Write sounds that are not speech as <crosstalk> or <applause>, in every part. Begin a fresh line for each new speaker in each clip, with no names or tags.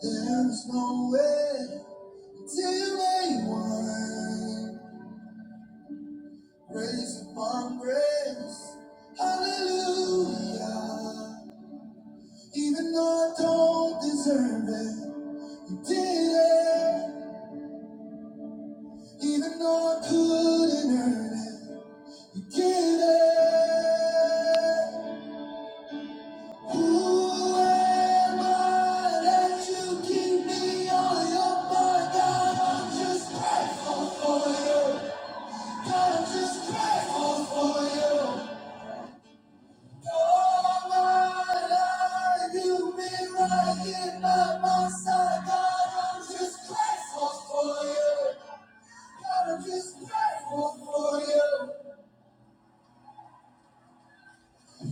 There's nowhere till anyone. Grace upon grace. Hallelujah. Even though I don't deserve it, you did it. Even though I couldn't earn it, you did it. Who am I that you keep me on your mind? God, I'm just grateful for you. I'm just grateful for you. All my life you've been right here by my side, God. I'm just grateful for you. God, I'm just grateful for you.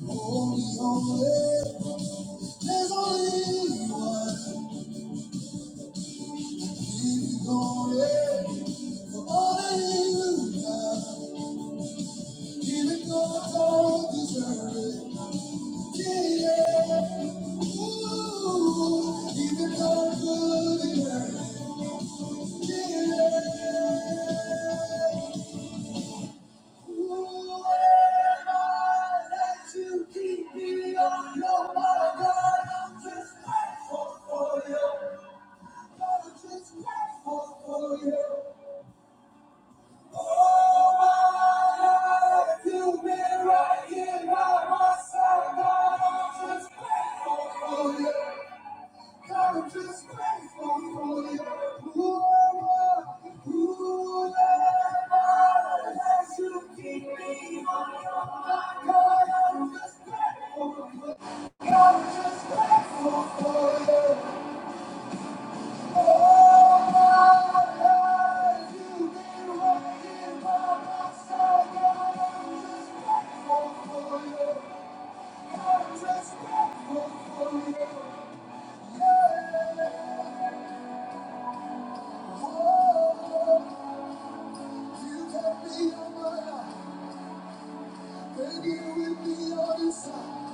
Holy, holy, there's only one. Keep it going for all that you've done, even though I don't deserve it. Yeah. yeah. You've been right by my side, I'm just grateful for you. You can me on my life, baby, you will be on this side.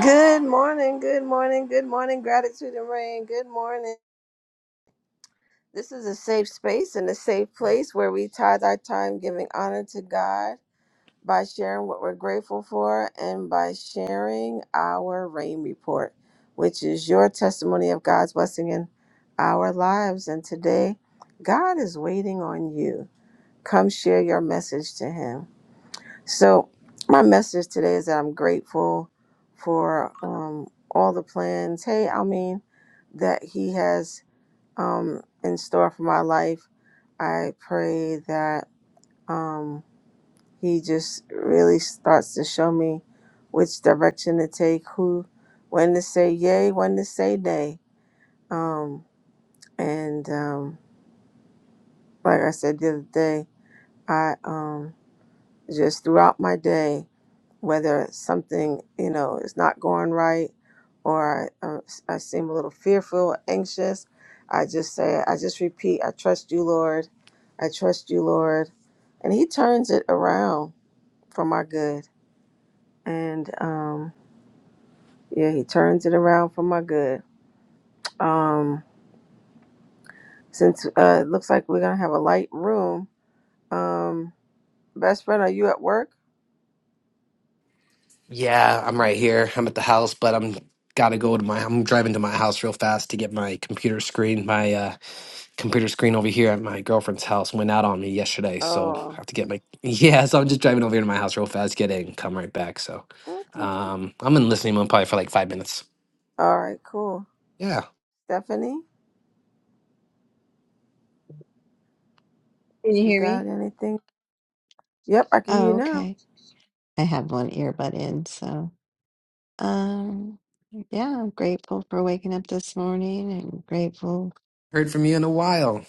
Good morning, good morning, good morning, gratitude and rain. Good morning. This is a safe space and a safe place where we tithe our time giving honor to God by sharing what we're grateful for and by sharing our rain report, which is your testimony of God's blessing in our lives. And today, God is waiting on you. Come share your message to Him. So, my message today is that I'm grateful for um, all the plans. Hey, I mean, that He has um, in store for my life. I pray that um, He just really starts to show me which direction to take, who, when to say yay, when to say nay. Um, and um, like I said the other day, I um, just throughout my day. whether something you know is not going right or I, uh, I seem a little fearful anxious i just say i just repeat i trust you lord i trust you lord and he turns it around for my good and um yeah he turns it around for my good um since uh it looks like we're gonna have a light room um best friend are you at work
Yeah, I'm right here. I'm at the house, but I'm gotta go to my. I'm driving to my house real fast to get my computer screen. My uh, computer screen over here at my girlfriend's house went out on me yesterday, so I
oh
have to get my. <laughs> Yeah, so I'm just driving over here to my house real fast, get it, and come right back. So,
okay.
um, I'm in listening mode probably for like five minutes.
all right cool
Yeah,
stephanie you got anything yep i can hear you now
heard from you in a while.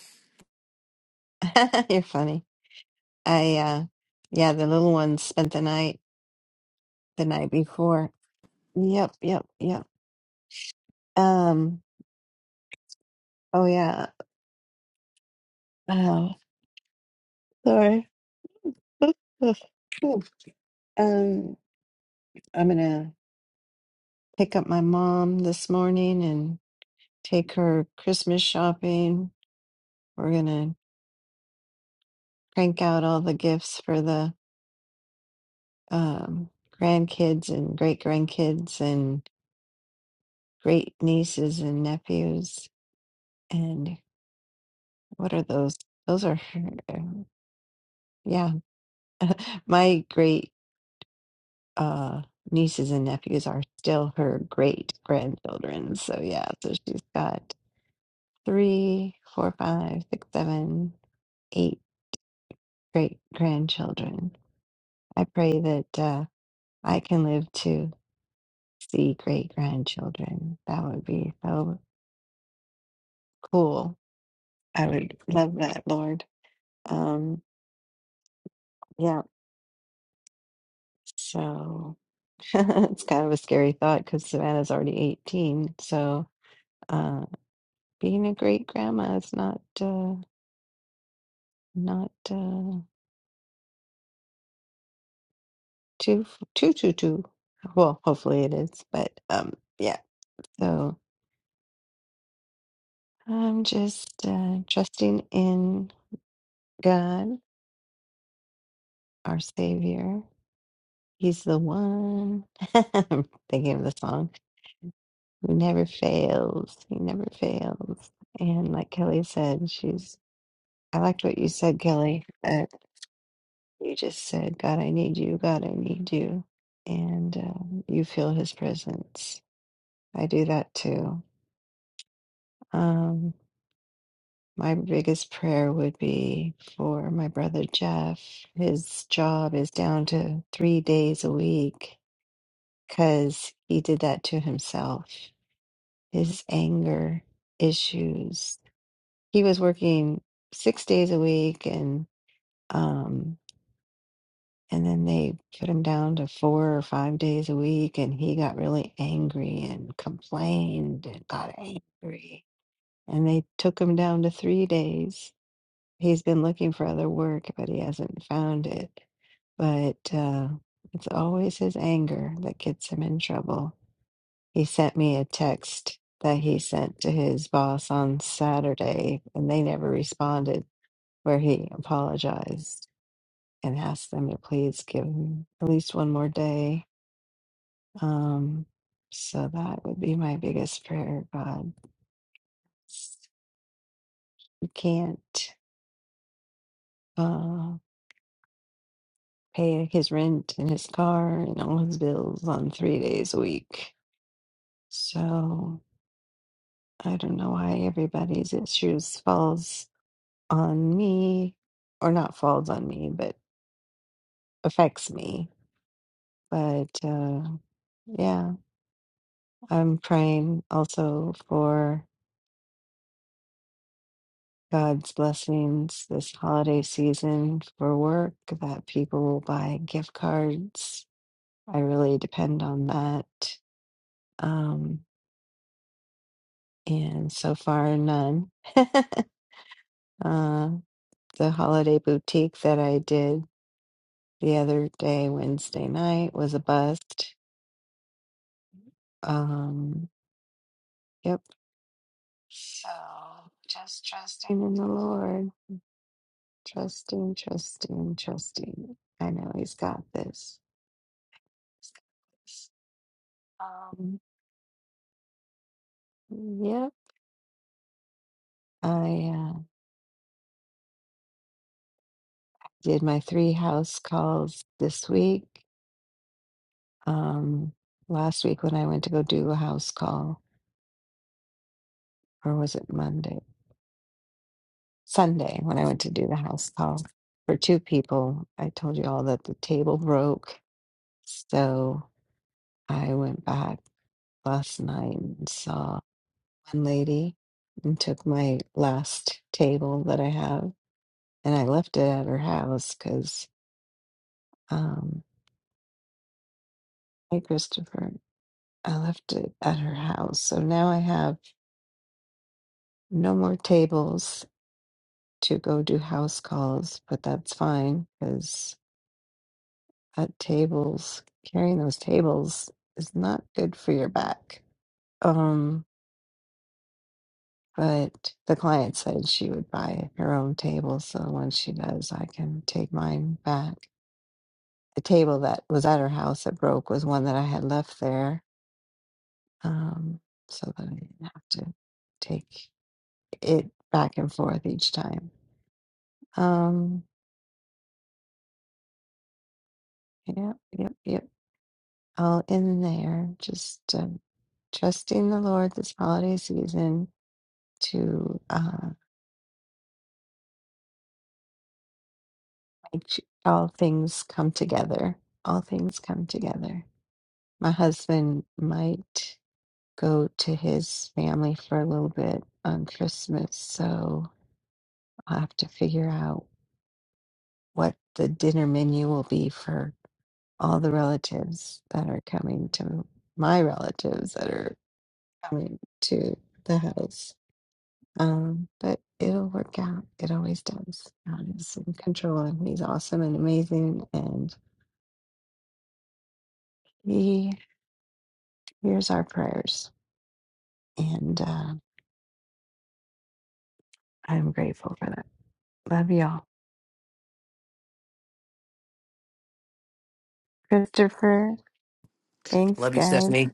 Love you, Stephanie.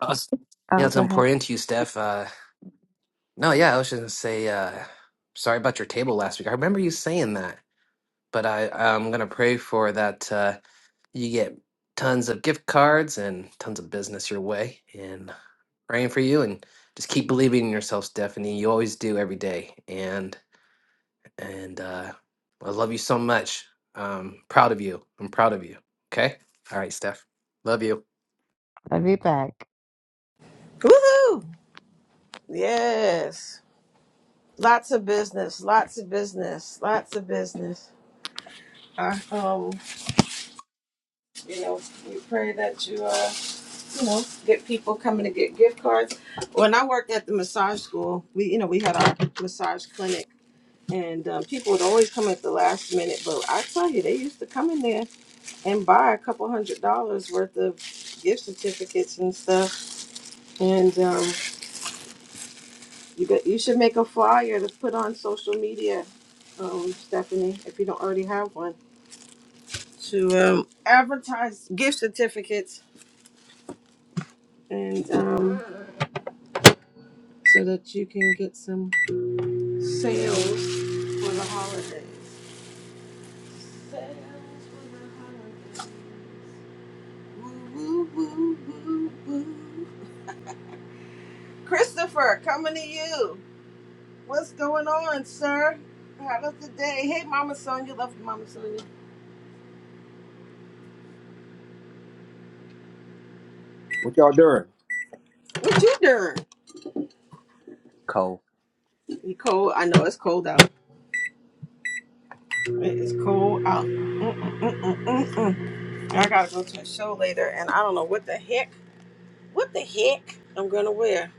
Us- Yeah, it's important to you, Steph. Uh, no, yeah, I was just gonna say, uh, sorry about your table last week. I remember you saying that but I I'm gonna pray for that. Uh, you get tons of gift cards and tons of business your way and praying for you and just keep believing in yourself stephanie you always do every day and and uh i love you so much um proud of you i'm proud of you okay all right steph love you
Woohoo! Yes. Lots of business, lots of business, lots of business. Uh, um, you know, we pray that you, uh, you know, get people coming to get gift cards. When I worked at the massage school, we, you know, we had our massage clinic, and um, people would always come at the last minute. But I tell you, they used to come in there and buy a couple hundred dollars worth of gift certificates and stuff. And um, You got, you should make a flyer to put on social media, um, Stephanie, if you don't already have one, to um, advertise gift certificates and um, so that you can get some sales for the holidays. Sales for the holidays. Woo, woo, woo, woo, woo. Christopher, coming to you. What's going on, sir? How was the day? Hey, Mama Sonia. Love you, Mama Sonia.
What y'all doing?
What you doing?
Cold.
You cold? I know it's cold out. It is cold out. Mm, mm, mm, mm, mm, mm. I gotta go to a show later, and I don't know what the heck, what the heck I'm gonna wear,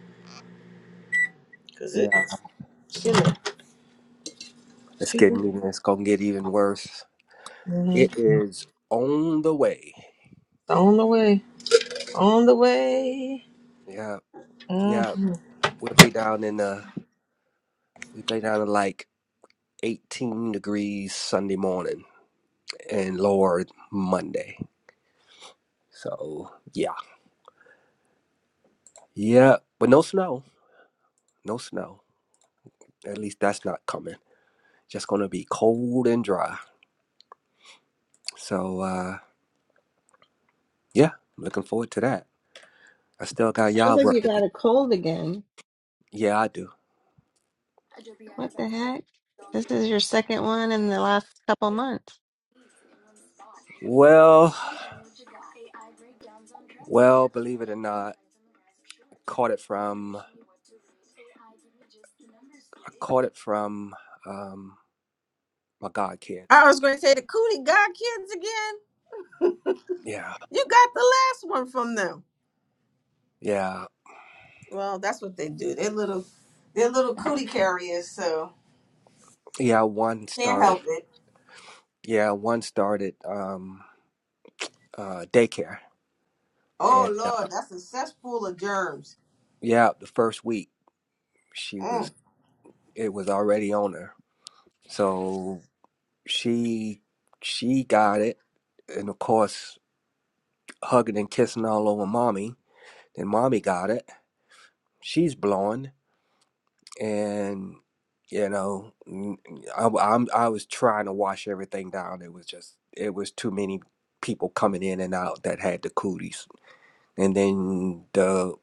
cause it
Yeah.
is chilly,
It's getting
chilly.
even it's gonna get even worse.
hmm
It is on the way.
On the way, on the way.
Yeah, yeah.
hmm
We'll be down in the. we'll be down in like eighteen degrees Sunday morning and lower Monday. So yeah. Yeah. But no snow. No snow. At least that's not coming. Just gonna be cold and dry. So uh yeah, looking forward to that. I still got y'all work to do. Yeah, I do. Well, well, believe it or not, caught it from I caught it from um my god
I
kids.
was going to say the Cootie God kids again.
Yeah.
You got the last one from them.
Yeah.
Well, that's what they do. They're little, they're little cootie carriers, so
Yeah, one
can't
started.
help it.
Yeah, one started um uh daycare.
Oh
And uh,
Lord, that's a cesspool of germs.
yeah, the first week she
Mm.
was it was already on her. So she she got it and of course hugging and kissing all over mommy. Then mommy got it. She's blowing. and you know n- I, w- I'm I was trying to wash everything down. It was just it was too many people coming in and out that had the cooties, and then the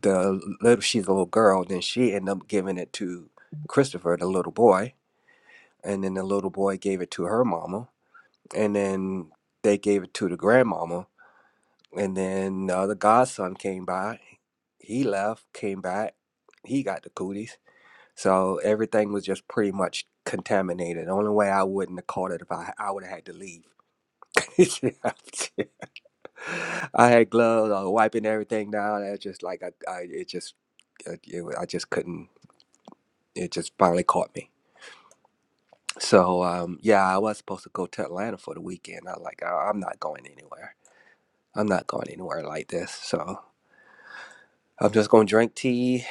the little she's a little girl. Then she ended up giving it to Christopher, the little boy, and then the little boy gave it to her mama, and then they gave it to the grandmama, and then the other godson came by. He left, came back. He got the cooties So everything was just pretty much contaminated. The only way I wouldn't have caught it if I I would have had to leave. <laughs> I had gloves. I was wiping everything down. I just like I, I it just uh, it, wa- I just couldn't. It just finally caught me. So um, yeah, I was supposed to go to Atlanta for the weekend. I was like I, I'm not going anywhere. I'm not going anywhere like this. So I'm just gonna drink tea,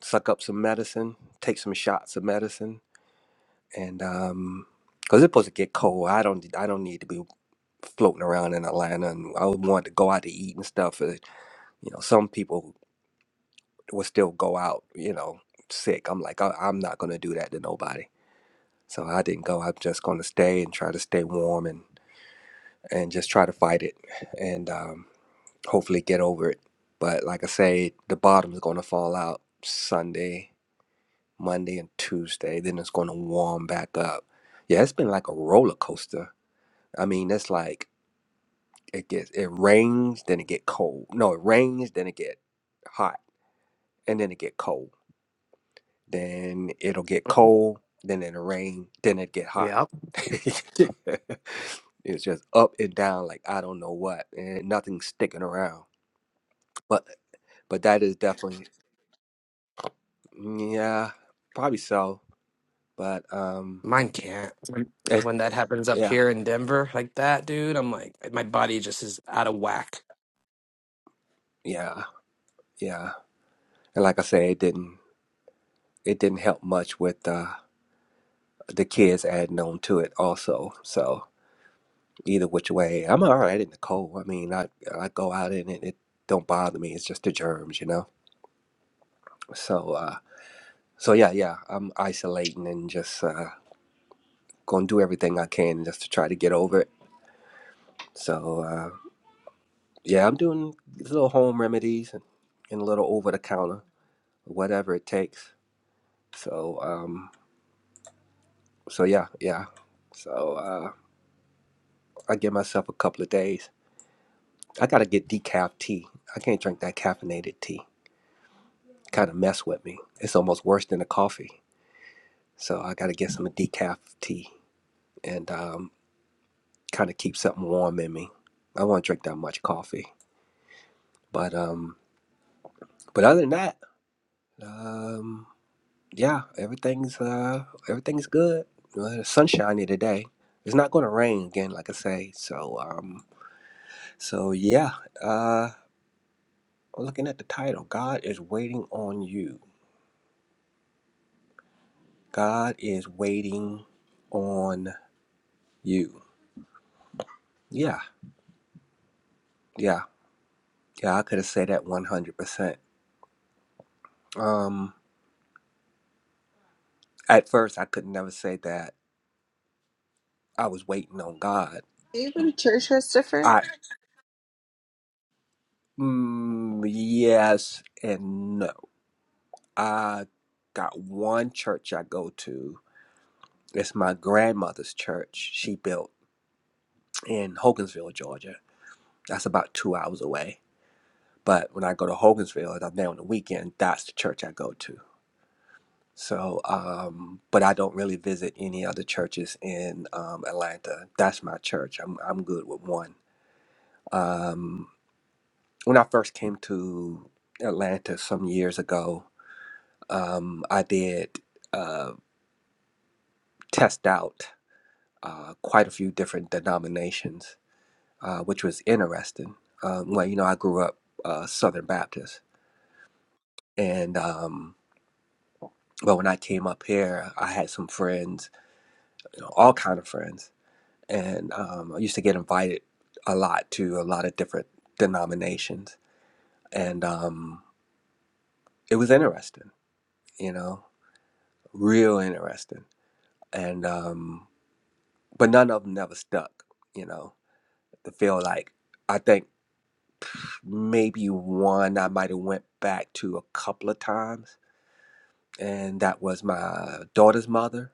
suck up some medicine, take some shots of medicine, and um because it's supposed to get cold i don't i don't need to be floating around in atlanta and i would want to go out to eat and stuff uh, you know some people would still go out you know sick i'm like I, i'm not going to do that to nobody so i didn't go i'm just going to stay and try to stay warm and and just try to fight it and um hopefully get over it but like i say the bottom's going to fall out sunday monday and tuesday then it's going to warm back up yeah it's been like a roller coaster I mean, that's like it gets it rains, then it get cold. No, it rains, then it get hot, and then it get cold. Then it'll get
Mhm.
cold, then it'll rain, then it get hot.
yeah
<laughs> it's just up and down like I don't know what, and nothing's sticking around. But but that is definitely yeah, probably so. But um,
mine can't when
it,
when that happens up
yeah,
here in denver like that dude i'm like my body just is out of whack
yeah, yeah. And like I say, it didn't it didn't help much with uh the kids adding on to it also. So either which way, I'm all right in the cold. I mean, I I go out in it, it don't bother me. It's just the germs, you know. So uh, so yeah, yeah, I'm isolating and just uh, gonna do everything I can just to try to get over it. So uh, yeah, I'm doing little home remedies and, and a little over the counter, whatever it takes. So um, so yeah, yeah. So uh, I give myself a couple of days I gotta get decaf tea. I can't drink that caffeinated tea. Kind of mess with me. It's almost worse than a coffee. So I gotta get some decaf tea and um, kind of keep something warm in me. I won't drink that much coffee, but um, but other than that, um, yeah, everything's uh, everything's good. Uh, the sun's shiny today. It's not gonna rain again, like I say. So um, so yeah. Uh, I'm looking at the title, God is waiting on you. God is waiting on you. Yeah, yeah, yeah. I could have said that one hundred percent. Um, at first, I could never say that I was waiting on God. I mm, yes and no. I got one church I go to. It's my grandmother's church. She built in Hogansville, Georgia. That's about two hours away. But when I go to Hogansville, if I'm there on the weekend, that's the church I go to So, um, but I don't really visit any other churches in um, Atlanta. That's my church. I'm I'm good with one. Um, when I first came to Atlanta some years ago, um, I did uh, test out uh, quite a few different denominations, uh, which was interesting. Um, well, you know, I grew up uh, Southern Baptist, and um, but when I came up here, I had some friends, you know, all kind of friends and um, I used to get invited a lot to a lot of different denominations, and um, it was interesting, you know, real interesting, and um, but none of them never stuck, you know. To feel like I think maybe one I might have went back to a couple of times, and that was my daughter's mother.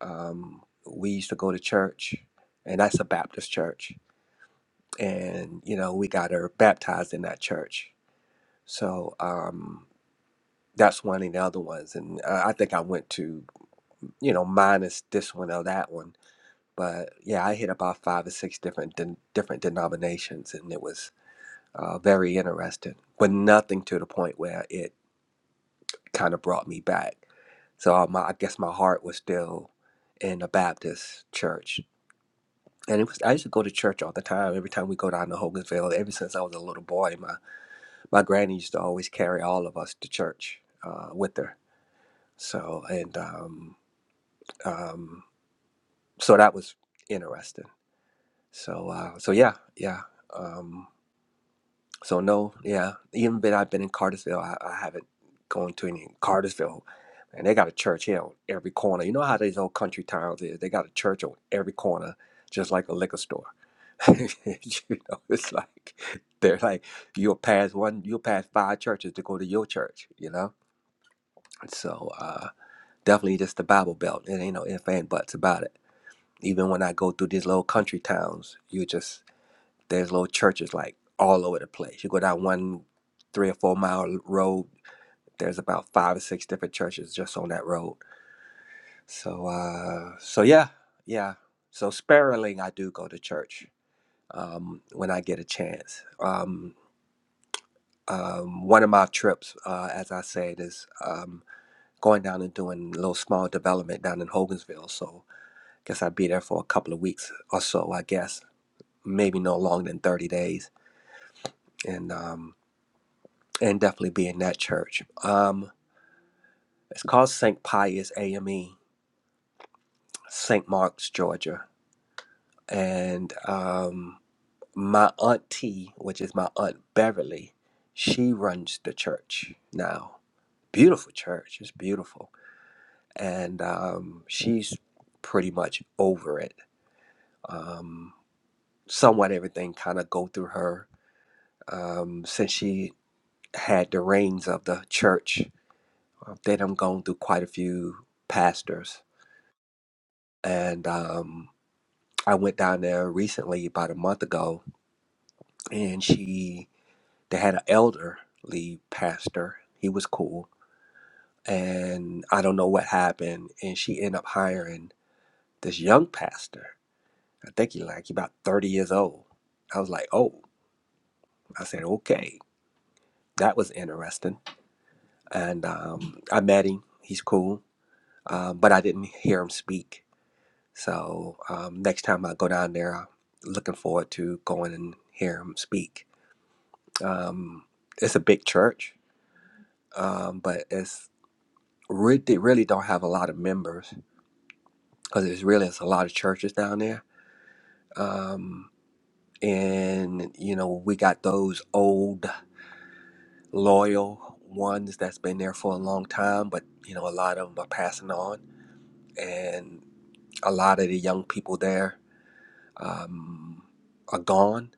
Um, we used to go to church, and that's a Baptist church, and you know we got her baptized in that church, So um, that's one of the other ones. And uh, I think I went to, you know, minus this one or that one. But yeah, I hit about five or six different den different denominations, and it was uh, very interesting, but nothing to the point where it kind of brought me back. So uh, my, I guess my heart was still in the Baptist church. And it was, I used to go to church all the time. Every time we go down to Hogansville, ever since I was a little boy, my, my granny used to always carry all of us to church uh, with her So and um, um, so that was interesting. So uh, so yeah, yeah. Um, so no, yeah. Even though I've been in Cartersville, I, I haven't gone to any Cartersville. And they got a church here on every corner. You know how these old country towns is? They got a church on every corner, just like a liquor store. <laughs> you know, it's like they're like you'll pass one, you'll pass five churches to go to your church. You know, so uh, definitely just the Bible Belt. It ain't no if and buts about it Even when I go through these little country towns, you just there's little churches like all over the place. You go down one three or four mile road, there's about five or six different churches just on that road. So uh so yeah, yeah. So sparingly I do go to church um when I get a chance. Um um, one of my trips, uh, as I said, is um, going down and doing a little small development down in Hogansville. So guess I'd be there for a couple of weeks or so, I guess. maybe no longer than 30 days and um and definitely be in that church um it's called st pius ame st mark's georgia and um my auntie which is my aunt beverly she runs the church now beautiful church it's beautiful and um she's pretty much over it um somewhat everything kind of go through her um since she had the reins of the church Uh, Then I'm going through quite a few pastors. And um, I went down there recently, about a month ago, and she, they had an elderly pastor. He was cool. And I don't know what happened. And she ended up hiring this young pastor. I think he like he about 30 years old. I was like, oh, I said, okay, that was interesting. And um, I met him. He's cool. Um, but I didn't hear him speak So um, next time I go down there, I'm looking forward to going and hear him speak. Um, it's a big church, um, but it's really they really don't have a lot of members because there's really it's a lot of churches down there. Um, and you know we got those old loyal ones that's been there for a long time, but you know a lot of them are passing on, and a lot of the young people there um, are gone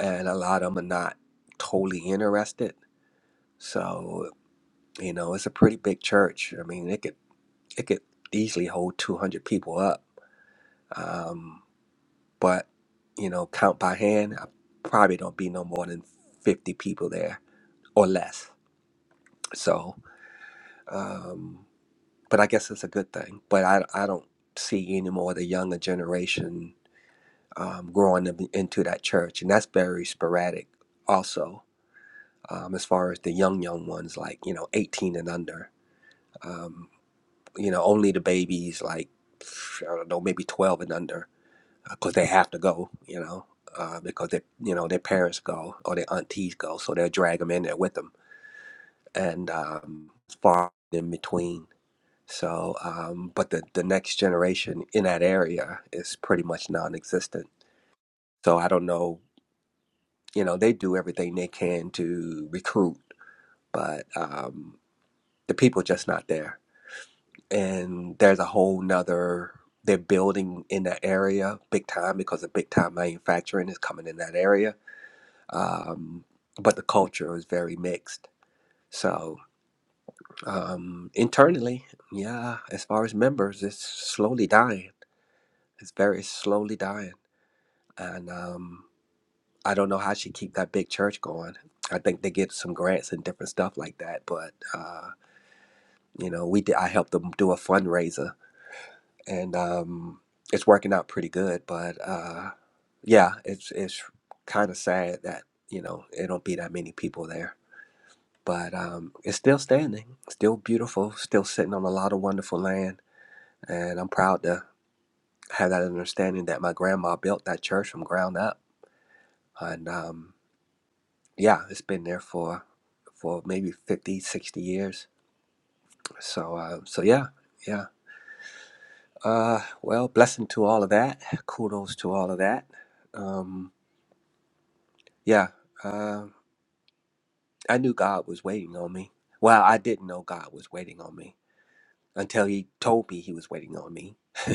and a lot of them are not totally interested. So you know, it's a pretty big church. I mean, it could it could easily hold two hundred people up. Um, but you know, count by hand, I probably don't be no more than fifty people there or less. So, um, but I guess it's a good thing. But I I don't see any more of the younger generation um, growing up into that church, and that's very sporadic also um, as far as the young young ones like you know 18 and under um, you know only the babies like i don't know maybe 12 and under because they have to go you know uh, because they you know their parents go or their aunties go so they'll drag them in there with them and um, far in between so um, but the, the next generation in that area is pretty much non-existent so i don't know you know they do everything they can to recruit but um, the people just not there and there's a whole nother they're building in that area big time because the big time manufacturing is coming in that area um, but the culture is very mixed so um, internally yeah as far as members it's slowly dying it's very slowly dying and um, i don't know how she keep that big church going i think they get some grants and different stuff like that but uh, you know we did i helped them do a fundraiser and um, it's working out pretty good. But uh, yeah, it's it's kind of sad that you know it don't be that many people there. But um, it's still standing, still beautiful, still sitting on a lot of wonderful land, and I'm proud to have that understanding that my grandma built that church from ground up, and um, yeah, it's been there for for maybe 50, 60 years. So uh, so yeah, yeah. Uh, well, blessing to all of that. Kudos to all of that. Um, Yeah, uh, I knew God was waiting on me. Well, I didn't know God was waiting on me until He told me He was waiting on me. <laughs>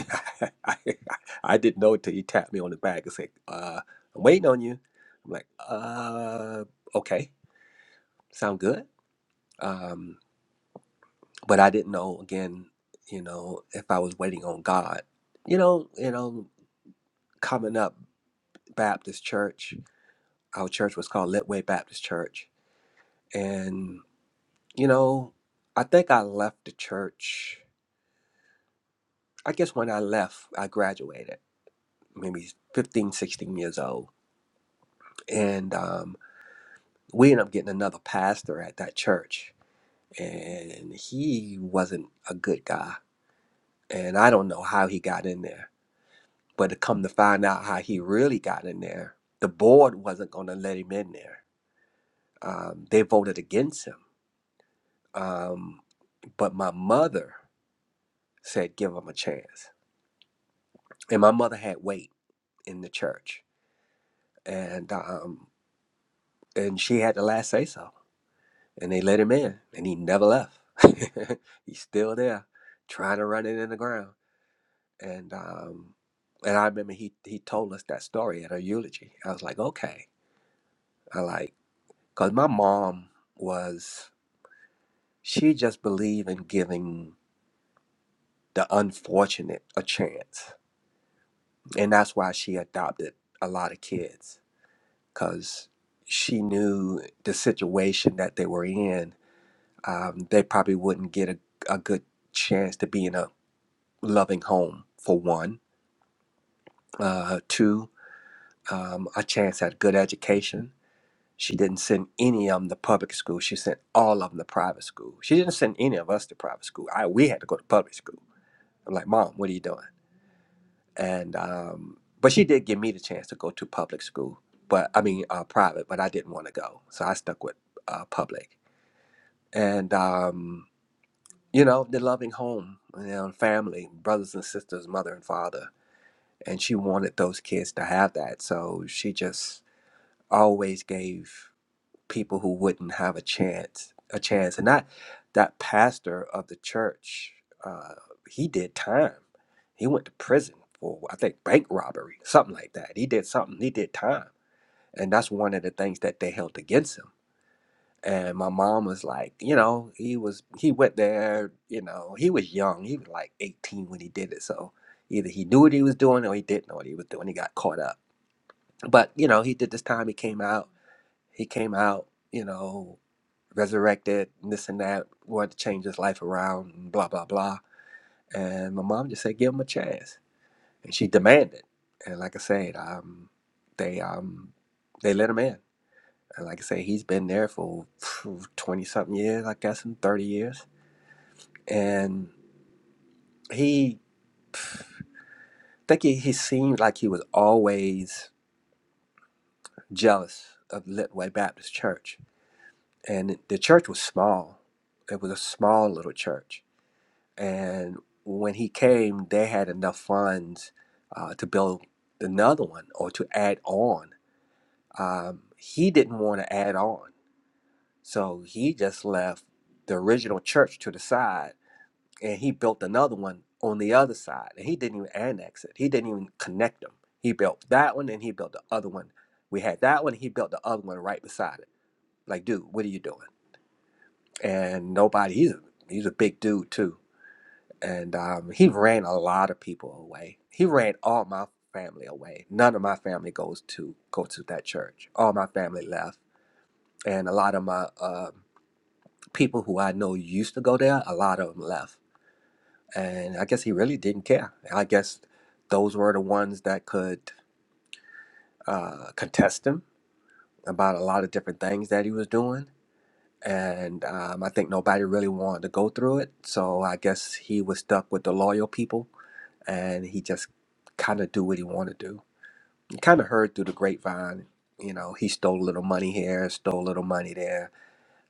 I, I didn't know until He tapped me on the back and said, uh, "I'm waiting on you." I'm like, "Uh, okay, sound good." Um, but I didn't know again, you know, if I was waiting on God. You know, you know, coming up Baptist church, our church was called Litway Baptist Church, and You know, I think I left the church. I guess when I left, I graduated, maybe 15, 16 years old. And um, we ended up getting another pastor at that church. And he wasn't a good guy. And I don't know how he got in there. But to come to find out how he really got in there, the board wasn't going to let him in there. Um, they voted against him. Um, but my mother said, give him a chance. And my mother had weight in the church and um, and she had the last say so. And they let him in, and he never left. <laughs> He's still there, trying to run it in the ground. And um, and I remember he he told us that story at her eulogy. I was like, okay, I like, cause my mom was she just believed in giving the unfortunate a chance, and that's why she adopted a lot of kids, cause she knew the situation that they were in um, they probably wouldn't get a, a good chance to be in a loving home for one. Uh, two, um, a chance at good education. She didn't send any of them to public school. She sent all of them to private school. She didn't send any of us to private school. I we had to go to public school. I'm like, Mom, what are you doing? And um, but she did give me the chance to go to public school, but I mean uh, private. But I didn't want to go, so I stuck with uh, public. And um, you know, the loving home, you know, family, brothers and sisters, mother and father. And she wanted those kids to have that. So she just always gave people who wouldn't have a chance a chance. And that that pastor of the church, uh, he did time. He went to prison for I think bank robbery, something like that. He did something, he did time. And that's one of the things that they held against him and my mom was like, you know, he was he went there, you know, he was young. He was like 18 when he did it. So either he knew what he was doing or he didn't know what he was doing. He got caught up. But, you know, he did this time he came out. He came out, you know, resurrected and this and that, wanted to change his life around and blah blah blah. And my mom just said, give him a chance. And she demanded. And like I said, um, they um they let him in and like I say, he's been there for <sighs> 20 something years, I guess, in 30 years. And he, I think he, he seemed like he was always jealous of Litway Baptist Church. And the church was small, it was a small little church. And when he came, they had enough funds uh, to build another one or to add on. Um, he didn't want to add on. So he just left the original church to the side and he built another one on the other side and he didn't even annex it he didn't even connect them he built that one and he built the other one we had that one he built the other one right beside it like dude what are you doing and nobody he's a, he's a big dude too and um, he ran a lot of people away he ran all my family away none of my family goes to go to that church all my family left and a lot of my um people who i know used to go there a lot of them left and I guess he really didn't care. I guess those were the ones that could uh, contest him about a lot of different things that he was doing, and um, I think nobody really wanted to go through it. So I guess he was stuck with the loyal people, and he just kind of do what he wanted to do. You kind of heard through the grapevine, you know, he stole a little money here, stole a little money there,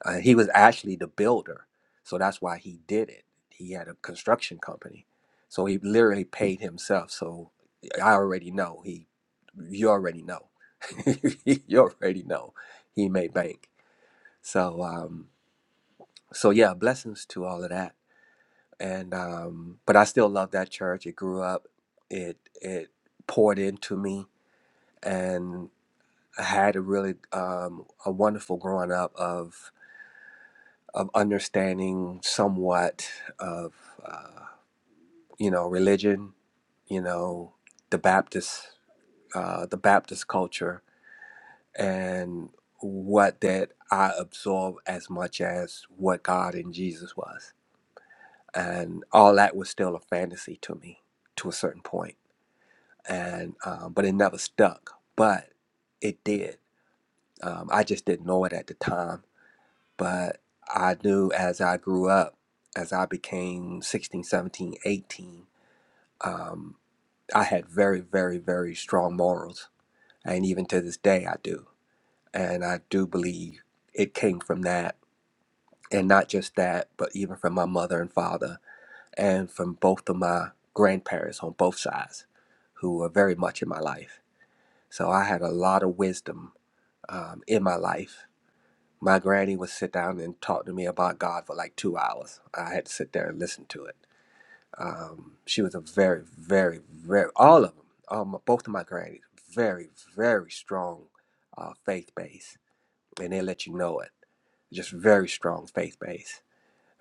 Uh, he was actually the builder, so that's why he did it. He had a construction company, so he literally paid himself. So I already know he, you already know, <laughs> you already know he made bank. So um, so yeah, blessings to all of that. And um, but I still love that church. It grew up. It it poured into me, and I had a really um, a wonderful growing up of. of understanding somewhat of uh, you know religion, you know the Baptist uh, the Baptist culture and what that I absorb as much as what God and Jesus was, and all that was still a fantasy to me to a certain point, and um, but it never stuck, but it did. Um, I just didn't know it at the time But I knew as I grew up, as I became 16, 17, 18, um, I had very, very, very strong morals. And even to this day, I do. And I do believe it came from that. And not just that, but even from my mother and father and from both of my grandparents on both sides who were very much in my life. So I had a lot of wisdom um, in my life My granny would sit down and talk to me about God for like two hours. I had to sit there and listen to it. Um, she was a very, very, very, all of them, um, both of my grannies, very, very strong uh, faith base. And they let you know it. Just very strong faith base.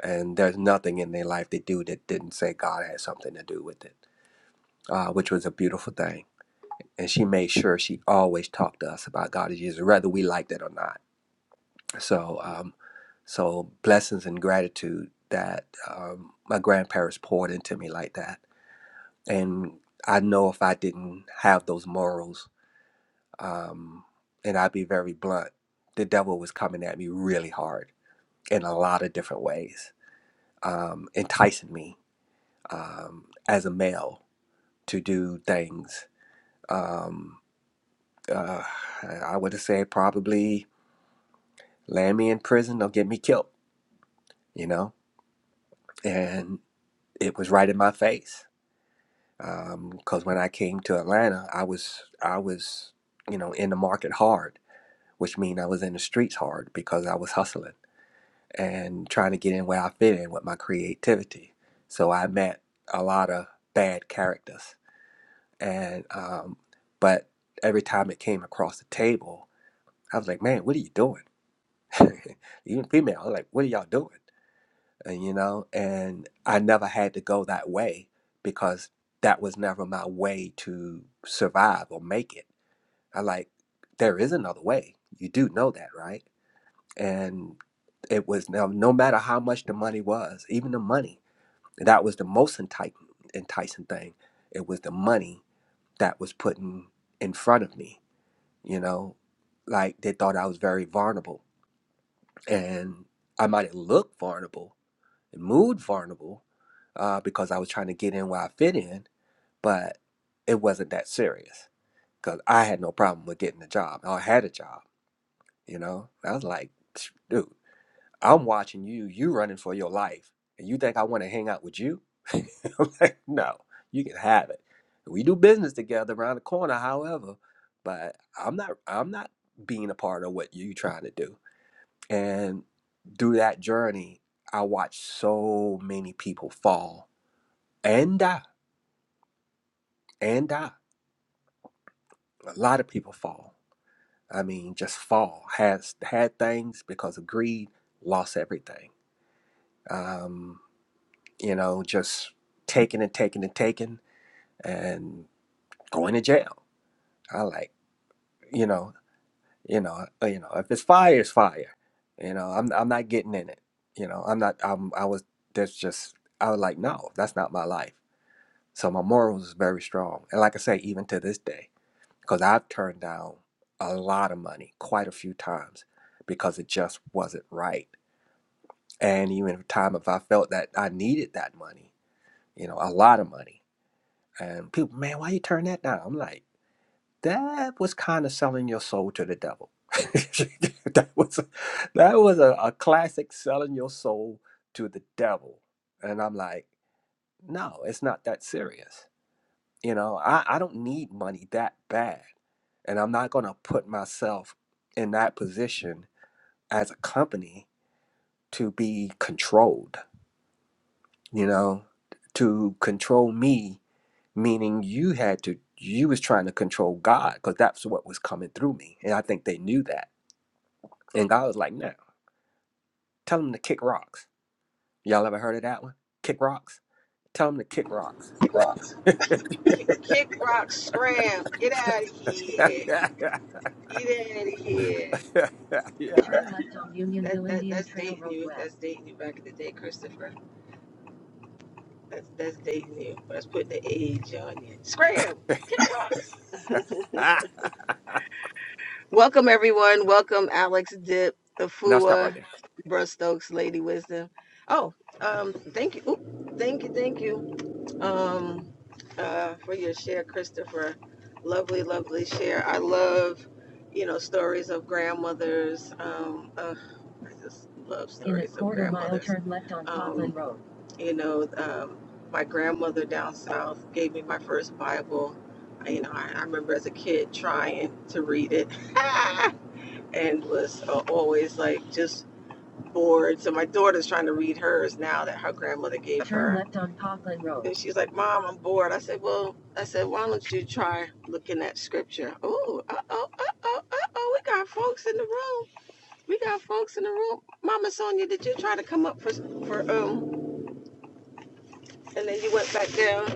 And there's nothing in their life they do that didn't say God had something to do with it, uh, which was a beautiful thing. And she made sure she always talked to us about God and Jesus, whether we liked it or not So, um, so blessings and gratitude that um, my grandparents poured into me like that. And I know if I didn't have those morals, um, and I'd be very blunt, the devil was coming at me really hard in a lot of different ways, um, enticing me um, as a male to do things. Um, uh, I would say probably land me in prison or get me killed, you know? and. it was right in my face. Because um, when I came to Atlanta, I was I was you know in the market hard, which means I was in the streets hard because I was hustling and trying to get in where I fit in with my creativity. So I met a lot of bad characters, and um, but every time it came across the table, I was like, man, what are you doing? <laughs> Even female, I was like, what are y'all doing? uh, you know, and I never had to go that way because that was never my way to survive or make it. I like, there is another way. You do know that, right? And it was no, no matter how much the money was, even the money, that was the most enticing, enticing thing. It was the money that was put in in front of me, you know, like they thought I was very vulnerable and I might look vulnerable, it Moved vulnerable uh, because I was trying to get in where I fit in, but it wasn't that serious because I had no problem with getting a job. I had a job, you know. I was like, "Psh, dude, I'm watching you. You running for your life, and you think I want to hang out with you? <laughs> I'm like, no, you can have it. We do business together around the corner, however, but I'm not. I'm not being a part of what you trying to do. And through that journey, I watched so many people fall and die and die a lot of people fall i mean just fall has had things because of greed lost everything um you know just taking and taking and taking and going to jail i like you know you know uh, you know if it's fire it's fire you know i'm, I'm not getting in it you know i'm not i'm i was that's just i was like no that's not my life so my morals is very strong and like i say even to this day because I've turned down a lot of money quite a few times because it just wasn't right. And even at the time, if I felt that I needed that money, you know, a lot of money, and people, man, why you turn that down? I'm like, that was kind of selling your soul to the devil. <laughs> that was that was a, a classic selling your soul to the devil. And I'm like, no, it's not that serious You know, I, I don't need money that bad. And I'm not going to put myself in that position as a company to be controlled, you know, to control me, meaning you had to, you was trying to control God because that's what was coming through me. And I think they knew that. And God was like, no, tell them to kick rocks. Y'all ever heard of that one? Kick rocks? Tell them to kick rocks. <laughs>
Kick rock, scram, get out of here,
yeah.
get out of here.
<laughs>
That, that, that's dating you. That's dating you back in the day, Christopher. That's that's dating you. Let's put the age on you. Scram, kick rock.
and
<laughs> Welcome everyone. Welcome Alex Dip,
I'll stop right
Afua,
there.
Bruce Stokes, Lady Wisdom. Oh, um, thank you. Oop, thank you, thank you. um, uh, for your share, Christopher. Lovely, lovely share. I love, you know, stories of grandmothers. Um, uh, I just love stories In a stories of quarter mile, grandmothers. turn left on Copland um, Road. You know, um, my grandmother down south gave me my first Bible. I, you know, I, I remember as a kid trying to read it <laughs> and was uh, always like just Bored. So my daughter's trying to read hers now that her grandmother gave Turn her. Turn left on Parkland Road. And she's like, Mom, I'm bored. I said, Well, I said, why don't you try looking at scripture? Oh, uh oh, uh oh, uh oh. We got folks in the room. We got folks in the room. Mama Sonia, did you try to come up for for um? And then you went back down.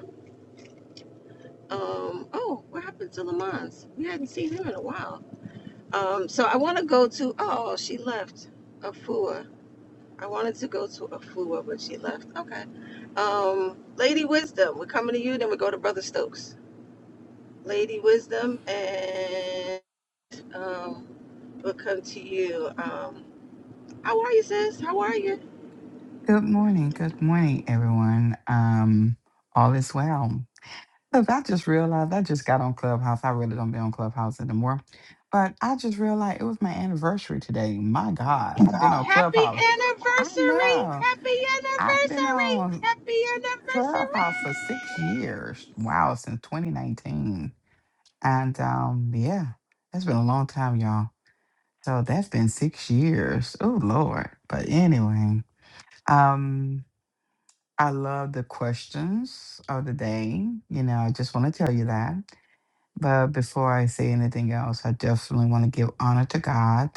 Um. Oh, what happened to Lamont's? We hadn't seen him in a while. Um. So I want to go to. Oh, she left. Afua. I wanted to go to Afua, but she left. Okay. Um, Lady Wisdom, we're coming to you, then we go to Brother Stokes. Lady Wisdom, and um, we'll come to you. Um, how are you, sis? How are you?
Good morning. Good morning, everyone. Um, all is well. Look, I just realized I just got on Clubhouse. I really don't be on Clubhouse anymore. But I just realized it was my anniversary today. My God, I've been on
Happy
Clubhouse. I
anniversary!
know.
Happy
I've been
anniversary!
on
Happy
Clubhouse for six
anniversary!
years. Wow, since 2019. And um, yeah, that's been a long time, y'all. So that's been six years. Oh Lord. But anyway. um. I love the questions of the day. You know, I just want to tell you that. But before I say anything else, I definitely want to give honor to God.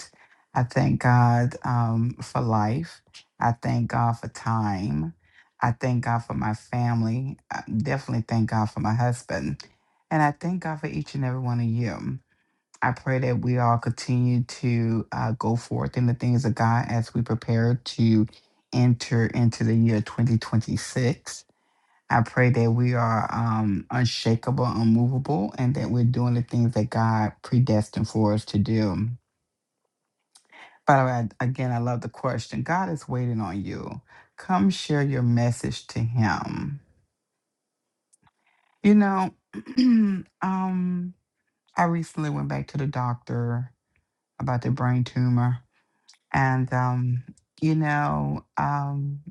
I thank God um, for life. I thank God for time. I thank God for my family. I definitely thank God for my husband. And I thank God for each and every one of you. I pray that we all continue to uh, go forth in the things of God as we prepare to enter into the year 2026. I pray that we are um, unshakable, unmovable, and that we're doing the things that God predestined for us to do. By the way, again, I love the question God is waiting on you. Come share your message to Him. You know, <clears throat> um, I recently went back to the doctor about the brain tumor And, um, you know, um,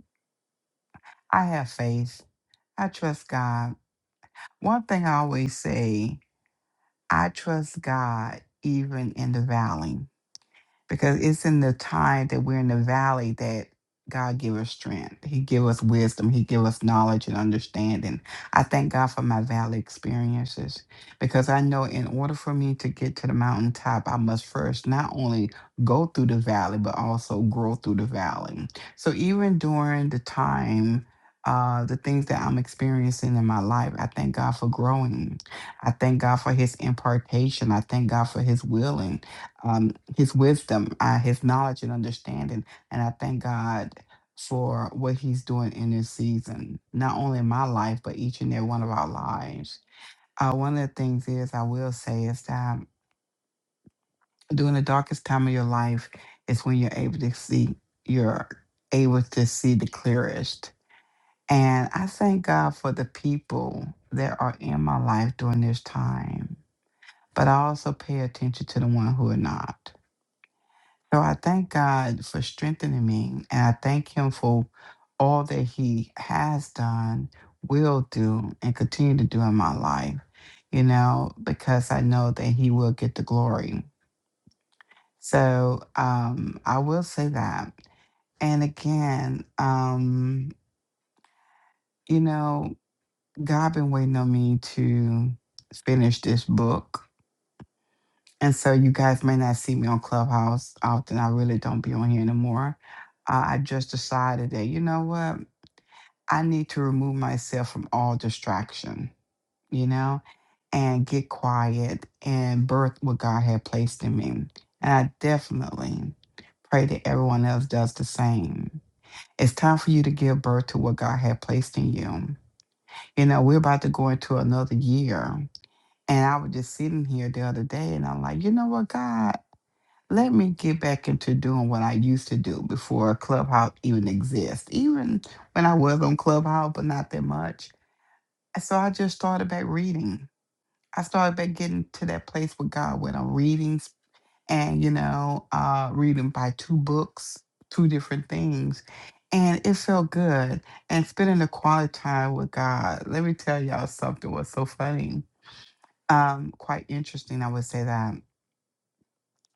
I have faith. I trust God. One thing I always say I trust God even in the valley. because it's in the time that we're in the valley that God give us strength. He give us wisdom. He give us knowledge and understanding. I thank God for my valley experiences because I know in order for me to get to the mountaintop, I must first not only go through the valley but also grow through the valley. So even during the time. Uh, the things that I'm experiencing in my life, I thank God for growing. I thank God for His impartation. I thank God for His willing um, his wisdom, uh, his knowledge and understanding. And I thank God for what he's doing in this season, not only in my life, but each and every one of our lives. Uh, one of the things is, I will say, is that during the darkest time of your life is when you're able to see, you're able to see the clearest. And I thank God for the people that are in my life during this time. But I also pay attention to the one who are not. So I thank God for strengthening me, and I thank Him for all that He has done, will do, and continue to do in my life, you know, because I know that He will get the glory. So um, I will say that. And again, um, you know, God been waiting on me to finish this book And so you guys may not see me on Clubhouse often. I really don't be on here anymore. Uh, I just decided that, you know what? I need to remove myself from all distraction, you know, and get quiet and birth what God had placed in me. And I definitely pray that everyone else does the same. It's time for you to give birth to what God had placed in you. You know, we're about to go into another year. And I was just sitting here the other day and I'm like, you know what, God? let me get back into doing what I used to do before Clubhouse even exists. Even when I was on Clubhouse, but not that much. And so I just started back reading. I started back getting to that place with God when I'm reading and, you know, uh, reading by two books, two different things. And it felt good. And spending the quality time with God. Let me tell y'all something was so funny. Um, quite interesting, I would say that.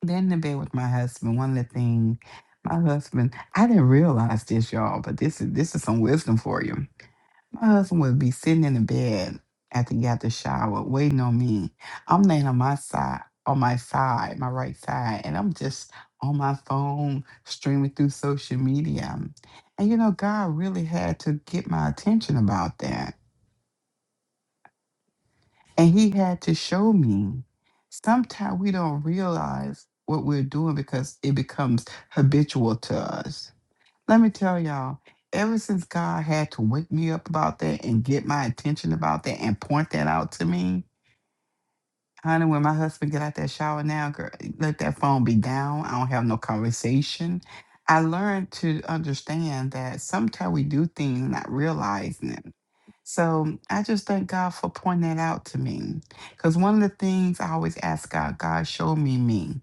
Then in bed with my husband. One of the things, my husband, I didn't realize this, y'all, but this is this is some wisdom for you. My husband would be sitting in the bed after he got the shower, waiting on me. I'm laying on my side, on my side, my right side, and I'm just on my phone streaming through social media. And you know, God really had to get my attention about that. And he had to show me. Sometimes we don't realize what we're doing because it becomes habitual to us. Let me tell y'all, ever since God had to wake me up about that and get my attention about that and point that out to me, Honey, when my husband get out that shower now, girl, let that phone be down. I don't have no conversation. I learned to understand that sometimes we do things not realizing it. So I just thank God for pointing that out to me. Because one of the things I always ask God, God, show me me.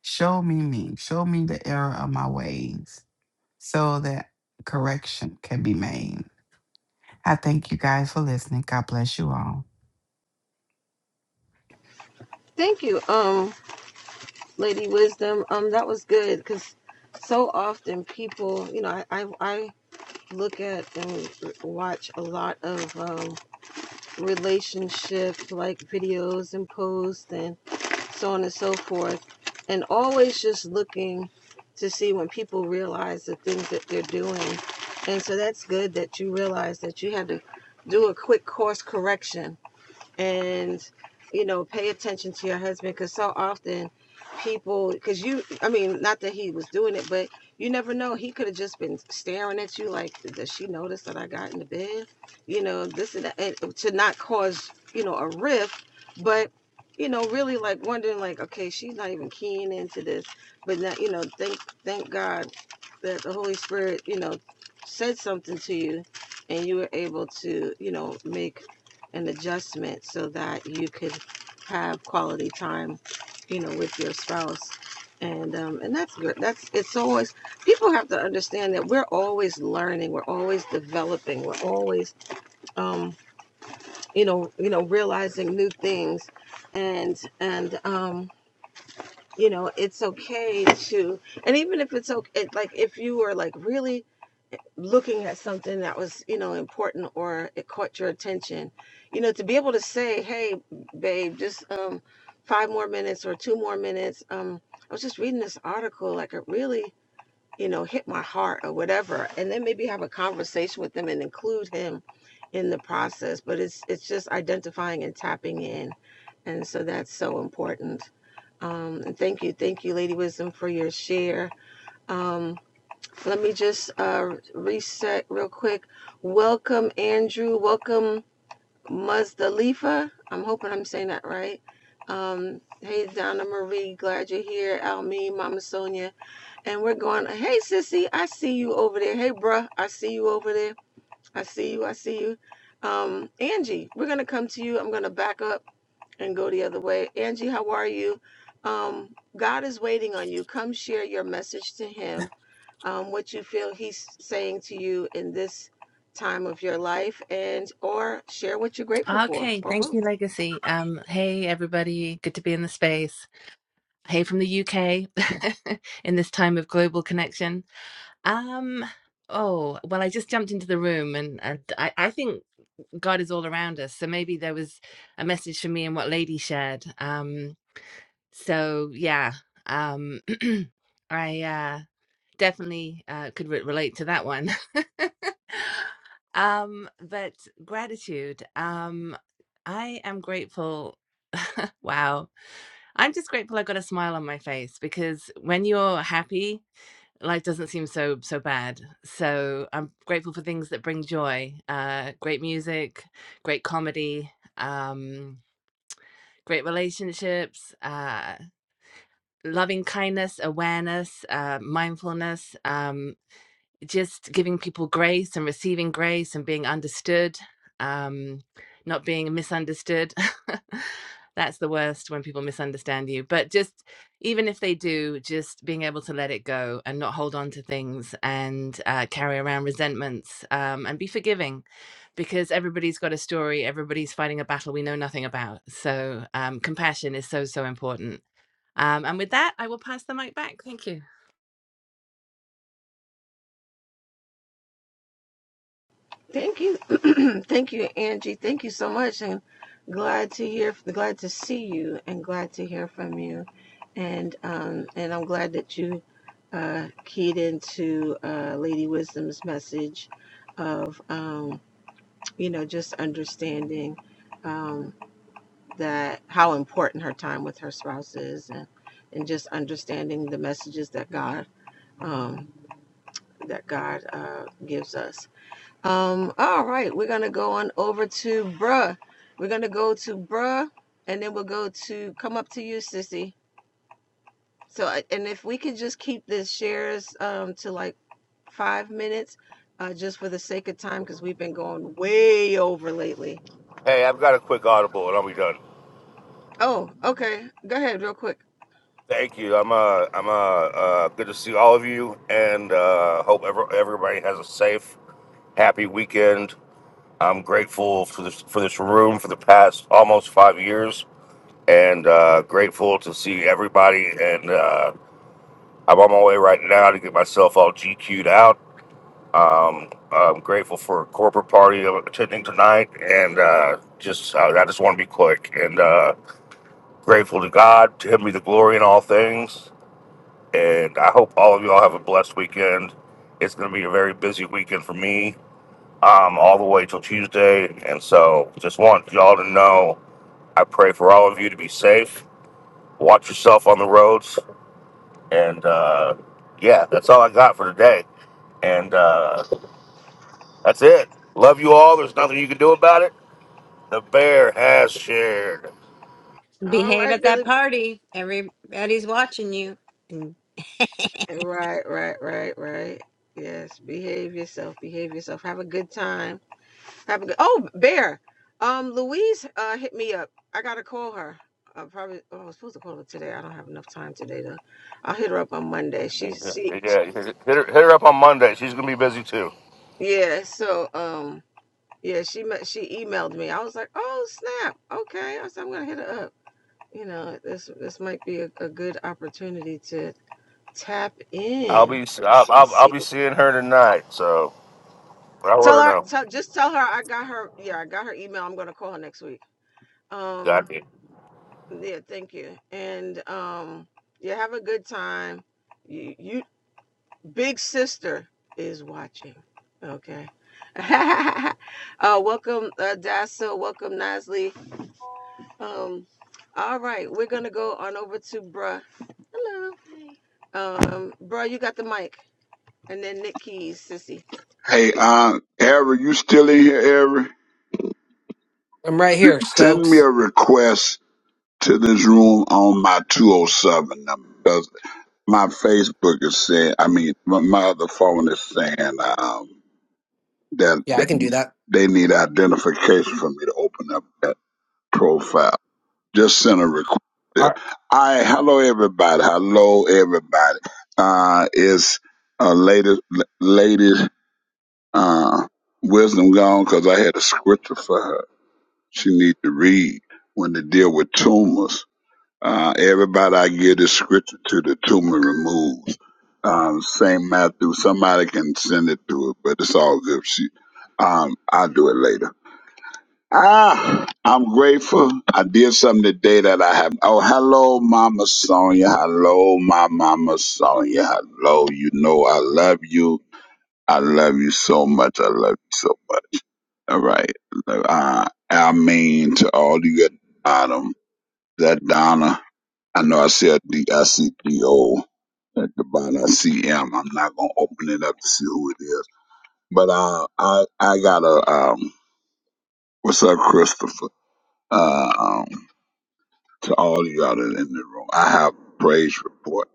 Show me me. Show me the error of my ways so that correction can be made. I thank you guys for listening. God bless you all.
Thank you, um, Lady Wisdom. Um, that was good because so often people, you know, I, I, I look at and watch a lot of. um relationship like videos and posts and so on and so forth and always just looking to see when people realize the things that they're doing and so that's good that you realize that you had to do a quick course correction and you know pay attention to your husband because so often people because you i mean not that he was doing it but you never know he could have just been staring at you like does she notice that i got in the bed you know this and, that, and to not cause you know a rift but you know really like wondering like okay she's not even keying into this but now you know thank thank god that the holy spirit you know said something to you and you were able to you know make an adjustment so that you could have quality time, you know, with your spouse. And um, and that's good. That's it's always people have to understand that we're always learning, we're always developing, we're always um, you know you know realizing new things, and and um, you know it's okay to and even if it's okay, it, like if you were like really looking at something that was you know important or it caught your attention you know to be able to say hey babe just um five more minutes or two more minutes um i was just reading this article like it really you know hit my heart or whatever and then maybe have a conversation with them and include him in the process but it's it's just identifying and tapping in and so that's so important um and thank you thank you lady wisdom for your share Um, let me just uh, reset real quick. Welcome, Andrew. Welcome, Muzdalifa. I'm hoping I'm saying that right. Um, hey, Donna Marie. Glad you're here. Almeen, Mama Sonia. And we're going, hey, sissy, I see you over there. Hey, bruh, I see you over there. I see you. I see you. Um, Angie, we're going to come to you. I'm going to back up and go the other way. Angie, how are you? Um, God is waiting on you. Come share your message to Him, um, what you feel He's saying to you in this time of your life, and or share what you're grateful for,
Okay,
or
thank
both.
you, Legacy. Um, hey, everybody, good to be in the space. Hey, from the UK <laughs> in this time of global connection. Um, oh, well, I just jumped into the room and uh, I, I think God is all around us. So maybe there was a message for me in what Lady shared. Um, so yeah, um, <clears throat> I uh, definitely uh, could re- relate to that one. <laughs> Um, but gratitude. Um, I am grateful. Wow. I'm just grateful I got a smile on my face because when you're happy, life doesn't seem so so bad. So I'm grateful for things that bring joy. Uh, great music, great comedy, um, great relationships, uh, loving kindness, awareness, uh, mindfulness. um, just giving people grace and receiving grace and being understood, um, not being misunderstood. <laughs> That's the worst when people misunderstand you. But just even if they do, just being able to let it go and not hold on to things and uh, carry around resentments um, and be forgiving because everybody's got a story, everybody's fighting a battle we know nothing about. So um, compassion is so, so important. Um, and with that, I will pass the mic back. Thank you.
Thank you, <clears throat> thank you, Angie. Thank you so much, and glad to hear, glad to see you, and glad to hear from you, and um, and I'm glad that you uh, keyed into uh, Lady Wisdom's message of. Um, you know, just understanding um, that how important her time with her spouse is, and, and just understanding the messages that God um, that God uh, gives us. Um, all right, we're gonna go on over to bruh. We're gonna go to bruh, and then we'll go to come up to you, sissy. So, I- and if we could just keep this shares um, to like five minutes, uh, just for the sake of time, because we've been going way over lately.
Hey, I've got a quick audible and I'll be done.
Oh, okay. Go ahead, real quick.
Thank you. I'm uh I'm uh, uh good to see all of you and uh hope ever, everybody has a safe, happy weekend. I'm grateful for this for this room for the past almost five years and uh grateful to see everybody and uh I'm on my way right now to get myself all GQ'd out. Um I'm grateful for a corporate party I'm attending tonight and uh just I I just want to be quick and uh Grateful to God to Him be the glory in all things. And I hope all of y'all have a blessed weekend. It's going to be a very busy weekend for me, um, all the way till Tuesday. And so just want y'all to know I pray for all of you to be safe, watch yourself on the roads. And uh, yeah, that's all I got for today. And uh, that's it. Love you all. There's nothing you can do about it. The bear has shared.
All right, Billy. Right, right, right, right. Yes, behave yourself. Behave yourself. Have a good time. Have a good. Oh, Bear. Um, Louise uh hit me up. I gotta call her. I probably. Oh, I was supposed to call her today. I don't have enough time today though. I'll hit her up on Monday. She, she, she
Yeah, hit her, hit her up on Monday. She's gonna be busy too.
yeah. So, um, yeah. She met. She emailed me. I was like, oh snap. Okay. I said I'm gonna hit her up. You know, this this might be a, a good opportunity to. Tap
I'll
in
be I'll,
and
I'll, I'll
see.
be seeing her tonight, so I'll let
Tell
her
her.
know.
Tell just tell her I got her. Yeah, I got her email. I'm gonna call her next week.
Got
Um.
you.
Yeah. Thank you. And um. Yeah. Have a good time. You. you big sister is watching. Okay. <laughs> uh, welcome, uh, Dasa. Welcome, Nasli. Um. All right, we're gonna go on over to Bruh. Um, Bruh, you got the mic, and then Nick Keys, Sissy.
Hey, uh, Eric, you still in here, Eric?
i'm right here
Send me a
stokes
request to this room on my 207 number because my Facebook is saying, I mean, my, my other phone is saying um, that
yeah
they,
i can do that
they need identification for me to open up that profile. Just send a request.
all
there.
right
All right, hello everybody. Hello everybody. Uh, it's uh, lady, lady, uh, wisdom gone because I had a scripture for her. she need to read when they deal with tumors. Uh, everybody I give the scripture to, the tumor removes. Um, St. Matthew, somebody can send it to her, but it's all good. She, um, I'll do it later. Ah, I'm grateful. I did something today that I have. Oh, hello, Mama Sonia. Hello, my Mama Sonia. Hello, you know I love you. I love you so much. I love you so much. All right. Look, I, mean to all you at the bottom, that Donna, I know I said a D, I see D-O at the bottom. I see M. I'm not going to open it up to see who it is. But uh, I, I got a, um, what's up, Christopher? Uh, um, to all you out in the room, I have a praise report.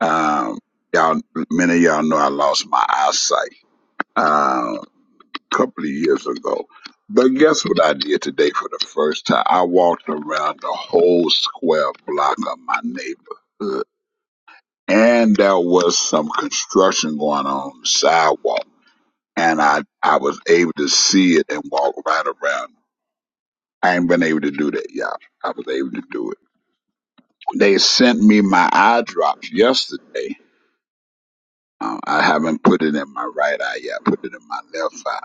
Um, y'all, many of y'all know I lost my eyesight. Um. couple of years ago. But guess what I did today for the first time? I walked around the whole square block of my neighborhood. And there was some construction going on on the sidewalk. And I, I was able to see it and walk right around. I ain't been able to do that, y'all. I was able to do it. They sent me my eye drops yesterday. Um, I haven't put it in my right eye yet. I put it in my left eye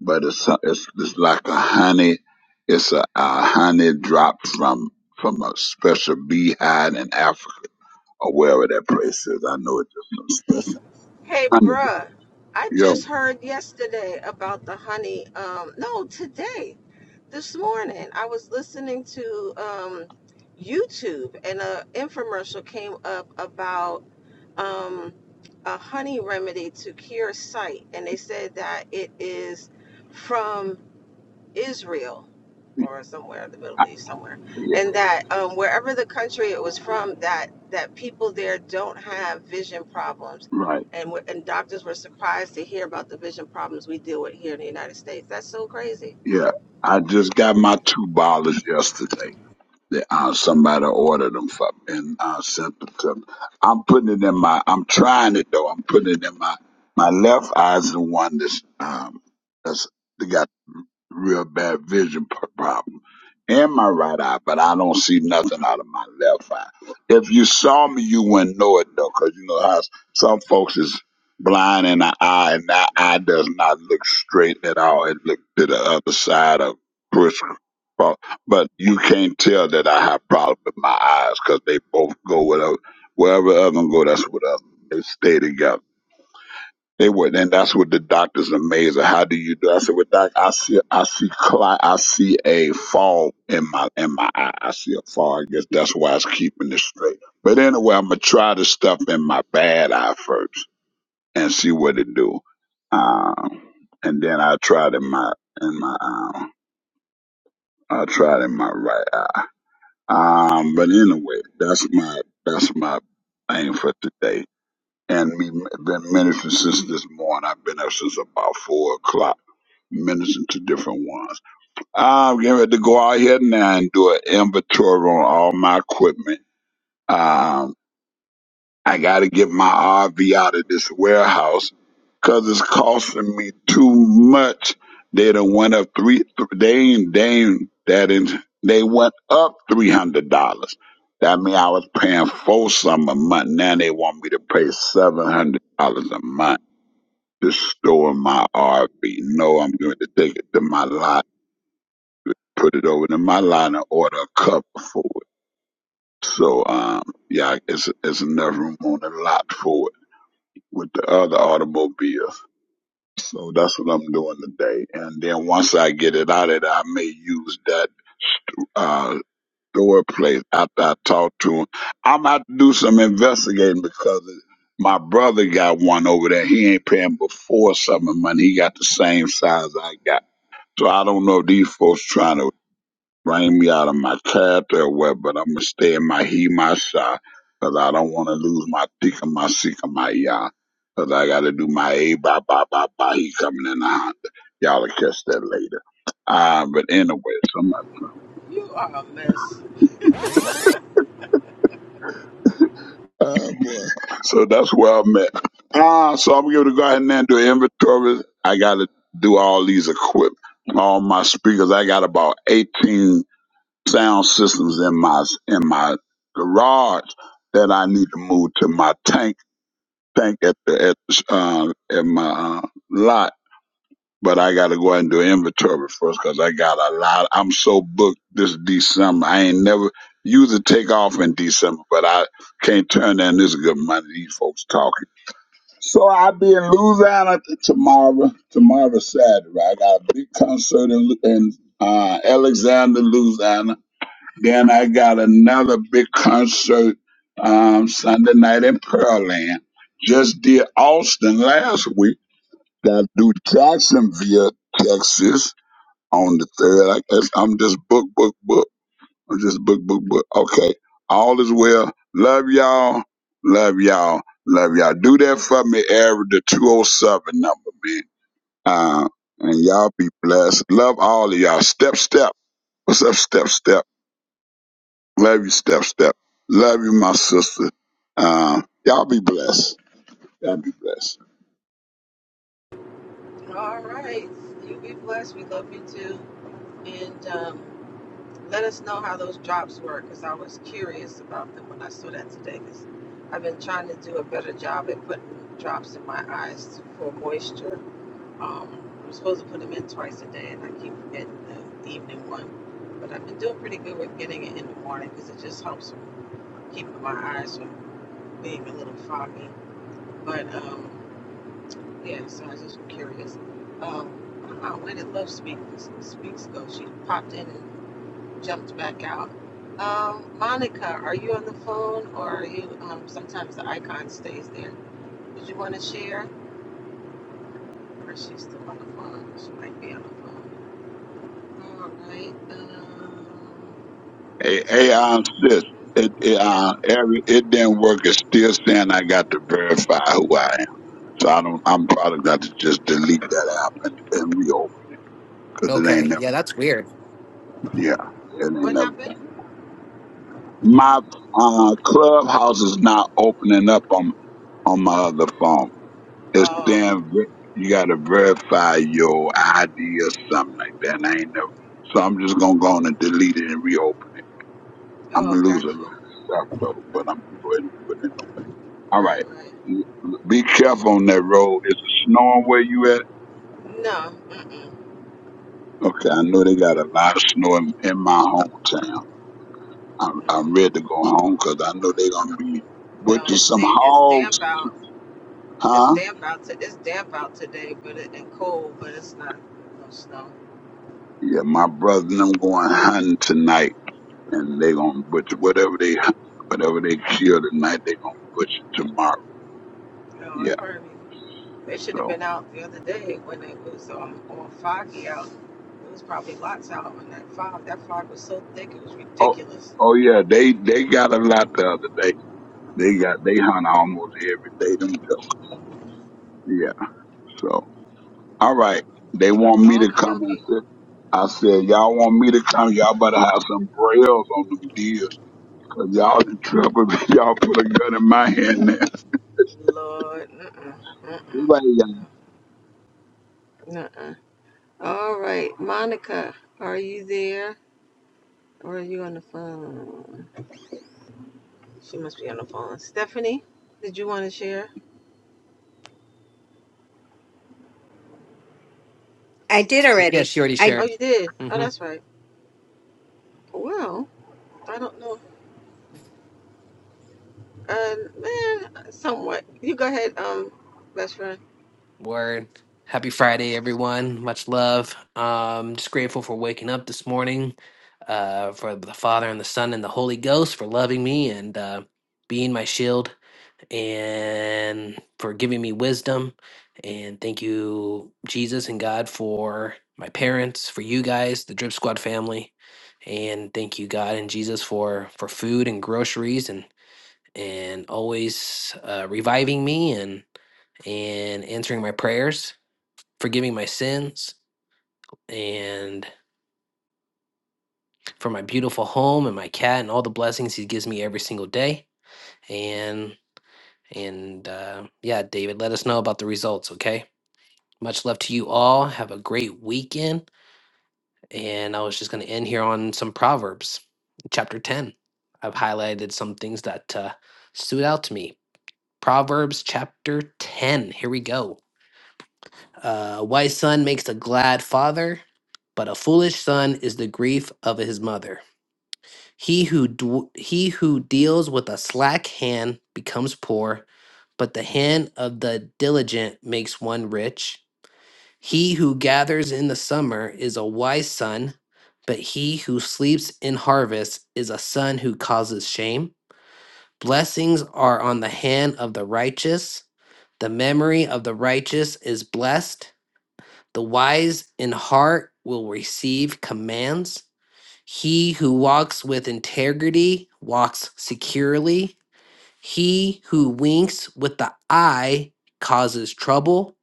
but it's it's, it's like a honey. It's a, a honey drop from from a special beehive in Africa or wherever that place is. I know it's just some special
Hey,
honey.
bruh, I
Yo,
just heard yesterday about the honey. Um, no, today, this morning, I was listening to um, YouTube and an infomercial came up about um, a honey remedy to cure sight. And they said that it is from Israel or somewhere in the Middle
I,
East, somewhere,
yeah,
and that um, wherever the country it was from, that that people there don't have vision problems,
right,
and we and doctors were surprised to hear about the vision problems we deal with here in the United States. That's so crazy.
yeah. I just got my two bottles yesterday. They, uh, somebody ordered them for me and uh, sent them to me. I'm putting it in my. I'm trying it though. I'm putting it in my my left eye's the one that's um that's real bad vision p- problem in my right eye, but I don't see nothing out of my left eye. If you saw me, you wouldn't know it though, 'cause you know how s- some folks is blind in the eye, and that eye does not look straight at all. It looked to the other side of push. But you can't tell that I have problems with my eyes 'cause they both go with wherever other one go, that's what other. one. They stay together. They would, and that's what the doctor's amazing. How do you do? I said, well, doc, I see, I see, cli- I see a fall in my in my eye. I see a fall. I guess that's why it's keeping it straight. But anyway, I'm gonna try the stuff in my bad eye first and see what it do. Um, and then I tried in my in my um, I tried in my right eye. Um, but anyway, that's my that's my aim for today and me been ministering since this morning. I've been up since about four o'clock, ministering to different ones. I'm getting ready to go out here now and do an inventory on all my equipment. Um, I got to get my RV out of this warehouse because it's costing me too much. They done went up three. th- They ain't. They ain't that. in they went up three hundred dollars. That mean I was paying four some a month. Now they want me to pay seven hundred dollars a month to store my RV. No, I'm going to take it to my lot, put it over to my lot, and order a cover for it. So um, yeah, it's it's enough room on the lot for it. with the other automobiles. So that's what I'm doing today. And then once I get it out of there, I may use that uh, store place after I talk to him. I'm out to do some investigating because my brother got one over there. He ain't paying before summer money. He got the same size I got. So I don't know if these folks trying to Bring me out of my cab or well, but I'm gonna stay in my he, my shy, 'cause I don't want to lose my tika, my sika, my ya, 'cause I gotta do my a ba ba ba ba. He coming in the Honda. Y'all will catch that later. Uh, but anyway, so I'm not
You are a mess.
Oh boy. So that's where I'm at. Uh, so I'm going to go ahead and then do inventory. I got to do all these equipment, all my speakers. I got about 18. sound systems in my in my garage that I need to move to my tank tank at the at the, uh, at my uh, lot. But I got to go out and do inventory first because I got a lot. I'm so booked this December. I ain't never usually take off in December, but I can't turn down this good money. These folks talking. So I'll be in Louisiana t- tomorrow. Tomorrow Saturday, I got a big concert in, Lu- in uh, Alexander, Louisiana then I got another big concert um, Sunday night in Pearl Land. Just did Austin last week. Got to do Jacksonville, Texas on the third. I guess I'm just book, book, book. I'm just book, book, book. Okay. All is well. Love y'all. Love y'all. Love y'all. Do that for me, Eric, the 207 number, man. Uh, and y'all be blessed. Love all of y'all. Step, step. What's up, step, step? Love you, Step Step. Love you, my sister. Um, y'all be blessed. Y'all be blessed.
All right, you be blessed. We love you too, and um, Let us know how those drops were because I was curious about them when I saw that today because I've been trying to do a better job at putting drops in my eyes for moisture. Um, I'm supposed to put them in twice a day and I keep forgetting the evening one. But I've been doing pretty good with getting it in the morning because it just helps keep my eyes from being a little foggy. But um, yeah, so I was just curious. Um, I don't know, where did Love Speak, Speaks go? She popped in and jumped back out. Um, Monica, are you on the phone or are you? Um, sometimes the icon stays there. Did you want to share? Or is she still on the phone? She might be on the phone. All right. Um,
Hey, hey,
Stephanie.
I insist. It, it,
Yeah.
uh, every, it didn't work. It's still saying I got to verify who I am. So I don't, I'm probably got to just delete that app and, and reopen because it ain't
okay
never,
yeah that's weird
yeah, it ain't
What
never
happened?
done. My, uh, clubhouse is not opening up on, on my other phone. It
Oh.
stand. You gotta verify your ID or something like that. And I ain't know. So I'm just gonna go on and delete it and reopen it. I'm
Oh,
gonna lose a
gotcha.
lot of stuff though, but I'm gonna go ahead and do it. Anyway. All right.
Right. Right.
Be careful on that road. Is it snowing where you at?
No. Mm-mm.
Okay, I know they got a lot of snow in, in my hometown. I'm,
mm.
I'm ready to go home 'cause I know they're gonna be
No.
butchering
It's
some
damp. It's
hogs,
damp out. It's
huh?
damp out. To, it's damp out today, but it, and cold, but it's not no snow.
Yeah, my brother and I'm going hunting tonight and they gonna butcher whatever they whatever they kill tonight. They gonna butcher tomorrow.
No,
Yeah.
it probably They should have
So
been out the other day when it was um, all foggy out. It was probably lots out on that fog. That fog was so thick, it was
oh
ridiculous.
oh yeah, they they got a lot the other day. They got they hunt almost every day themselves. Yeah. So all right, they want me to
Okie
come and
dokie.
sit. I said, y'all want me to come? Y'all better have some brails on them deals, cause y'all in trouble. <laughs> y'all put a gun in my hand now.
Lord, uh-uh, uh-uh,
Everybody got
no, uh-uh. All right, Monica, are you there or are you on the phone? She must be on the phone. Stephanie, did you want to share?
I did
Stephanie?
yeah
already.
she already
I
Oh,
shared
you did. Oh,
Mm-hmm.
that's right. Well, I don't know. Uh, man, somewhat. You go ahead, um, best friend.
Word. Happy Friday, everyone. Much love. Um, just grateful for waking up this morning, uh, for the Father and the Son and the Holy Ghost for loving me and uh, being my shield and for giving me wisdom. And thank you, Jesus and God, for my parents, for you guys, the Drip Squad family, and thank you, God and Jesus, for for food and groceries and and always uh, reviving me and and answering my prayers forgiving my sins and for my beautiful home and my cat and all the blessings he gives me every single day. And and uh, yeah, David, let us know about the results, okay? Much love to you all. Have a great weekend. And I was just going to end here on some proverbs, chapter ten. I've highlighted some things that uh, stood out to me. Proverbs chapter ten. Here we go. Uh, a wise son makes a glad father, but a foolish son is the grief of his mother. He who dw he who deals with a slack hand becomes poor, but the hand of the diligent makes one rich. He who gathers in the summer is a wise son, but he who sleeps in harvest is a son who causes shame. Blessings are on the hand of the righteous. The memory of the righteous is blessed. The wise in heart will receive commands. He who walks with integrity walks securely. He who winks with the eye causes trouble.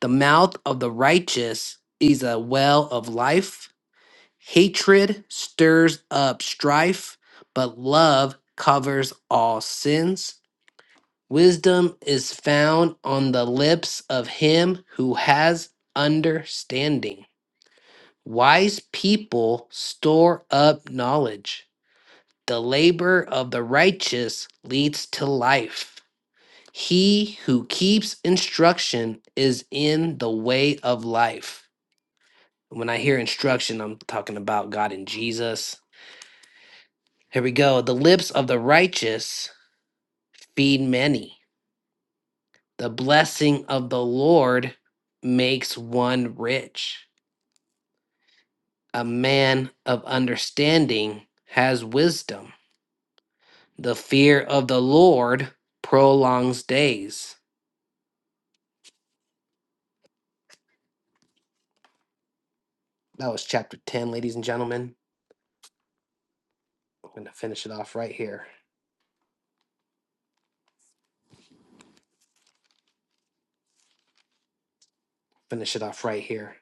The mouth of the righteous is a well of life. Hatred stirs up strife, but love covers all sins. Wisdom is found on the lips of him who has understanding. Wise people store up knowledge. The labor of the righteous leads to life. He who keeps instruction is in the way of life. When I hear instruction, I'm talking about God and Jesus. Here we go. The lips of the righteous feed many. The blessing of the Lord makes one rich. A man of understanding has wisdom. The fear of the Lord prolongs days. That was chapter 10, ladies and gentlemen. I'm going to finish it off right here. Finish it off right here.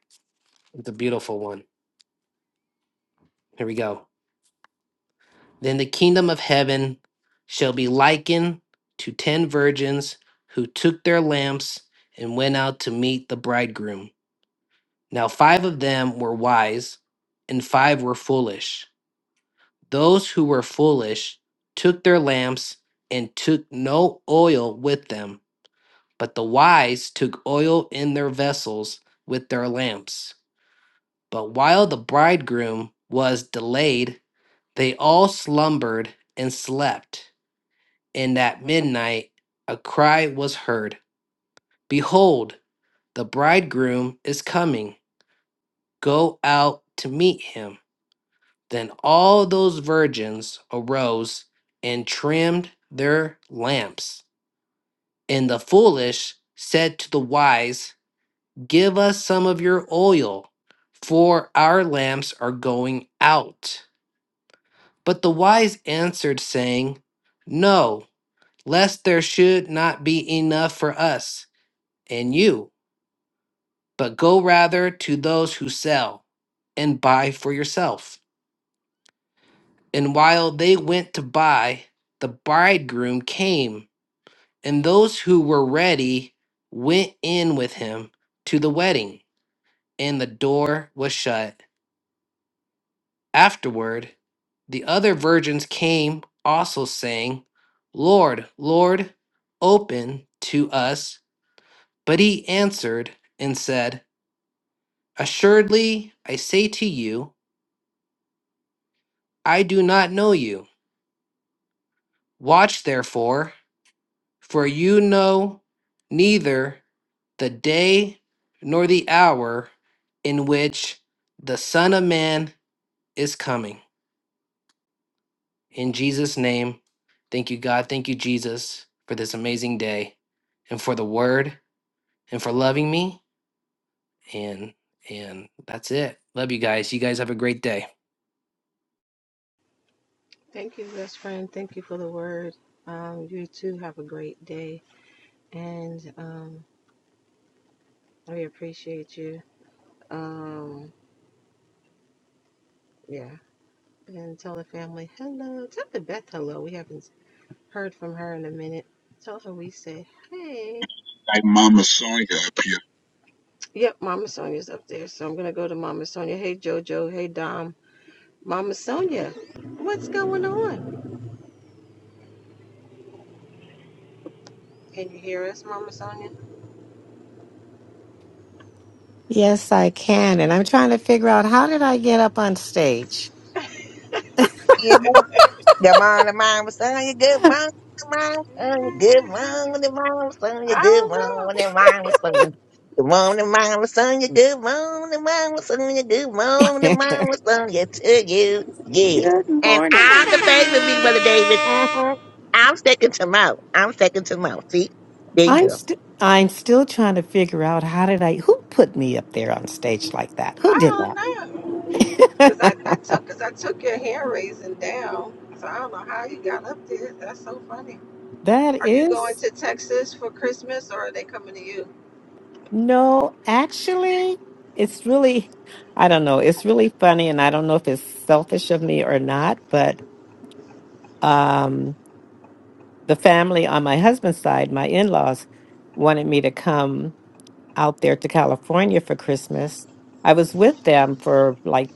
It's a beautiful one. Here we go. Then the kingdom of heaven shall be likened to ten virgins who took their lamps and went out to meet the bridegroom. Now, five of them were wise, and five were foolish. Those who were foolish took their lamps and took no oil with them, but the wise took oil in their vessels with their lamps. But while the bridegroom was delayed, they all slumbered and slept. And at midnight a cry was heard Behold, the bridegroom is coming. Go out to meet him. Then all those virgins arose and trimmed their lamps. And the foolish said to the wise, Give us some of your oil, for our lamps are going out. But the wise answered, saying, No, lest there should not be enough for us and you, but go rather to those who sell and buy for yourself. And while they went to buy, the bridegroom came, and those who were ready went in with him to the wedding, and the door was shut. Afterward, the other virgins came also saying, Lord, Lord, open to us. But he answered and said, Assuredly, I say to you, I do not know you. Watch therefore, for you know neither the day nor the hour in which the Son of Man is coming. In Jesus' name, thank you, God. Thank you, Jesus, for this amazing day and for the word and for loving me. And and that's it. Love you guys. You guys have a great day.
Thank you, best friend. Thank you for the word. Um, you too have a great day, and um, we appreciate you. Um, yeah, and tell the family hello. Tell the Beth hello. We haven't heard from her in a minute. Tell her we said hey.
like Mama Sonya up here.
Yep, Mama Sonia's up there, so I'm gonna go to Mama Sonia. Hey, Jojo. Hey, Dom. Mama Sonia, what's going on? Can you hear us, Mama Sonia?
Yes, I can. And I'm trying to figure out how did I get up on stage?
Yeah. Good morning, mama, son. You good
<laughs>
morning, mama,
<laughs>
son. You
I
good
don't know.
morning, mama, son. You good morning, mama, son. Good morning, mama, son. You good morning, mama, son. You good morning,
Good
mama, son. Yeah, to you, yes. And
morning.
I'm the favorite, big brother David. hmm I'm second to mouth. I'm second to mouth. See, there you
I'm
go.
st- I'm still trying to figure out how did I who put me up there on stage like that?
I
Who did
don't know. Cause I,
that?
I took, cause I took your hand raising down. So I don't know how you got up there. That's so funny.
<laughs> that
Are you going
is
to Texas for Christmas, or are they coming to you?
no, actually, it's really I don't know. It's really funny and I don't know if it's selfish of me or not, but um the family on my husband's side, my in-laws wanted me to come out there to California for Christmas. I was with them for like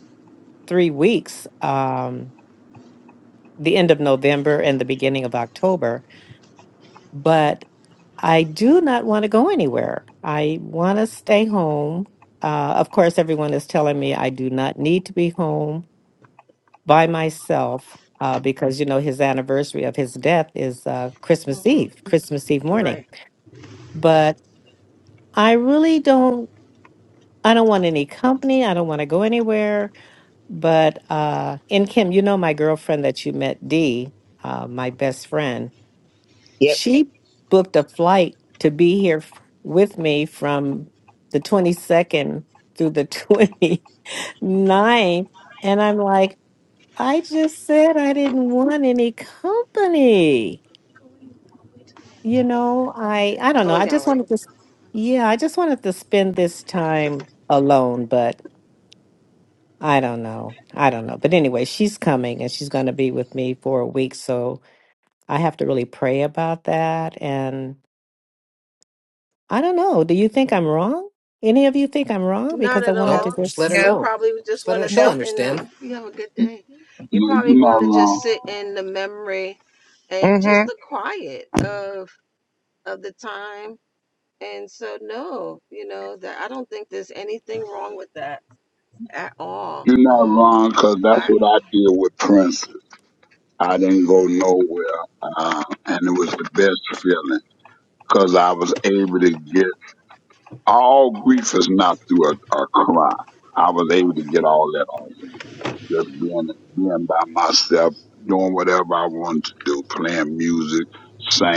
three weeks, um, the end of November and the beginning of October. But I do not want to go anywhere. I want to stay home. Uh, of course, everyone is telling me I do not need to be home by myself uh, because, you know, his anniversary of his death is uh, Christmas
hmm
Eve, Christmas Eve morning.
Right.
But I really don't, I don't want any company. I don't want to go anywhere. But uh and Kim, you know my girlfriend that you met, Dee, uh, my best friend,
Yep.
she booked a flight to be here f- with me from the 22nd through the <laughs> twenty ninth, And I'm like, I just said I didn't want any company. You know, I I don't know.
Going
I
down,
just
right?
wanted to s- yeah, I just wanted to spend this time alone, but. I don't know. I don't know. But anyway, she's coming and she's going to be with me for a week. So I have to really pray about that. And I don't know. Do you think I'm wrong? Any of you think I'm wrong?
Not
Because I
at
wanted
No,
Nope.
all.
to
Just let her
just.
You
no,
know.
probably would
Just
just
let
want
her
to
she'll
no.
sit in
understand.
the. You have a good
No,
day. You're
you
probably going
not
to
wrong.
just sit in the memory, and just
Mm-hmm.
the quiet of of the time. And so, no, you know that I don't think there's anything wrong with that at all.
You're not
Um,
wrong, 'cause that's
I.
what I did with Prince. I didn't go
Mm-hmm.
nowhere, uh, and it was the best feeling, 'cause I was able to get all grief is not through a, a cry. I was able to get all that off of me, just being being by myself, doing whatever I wanted to do, playing music,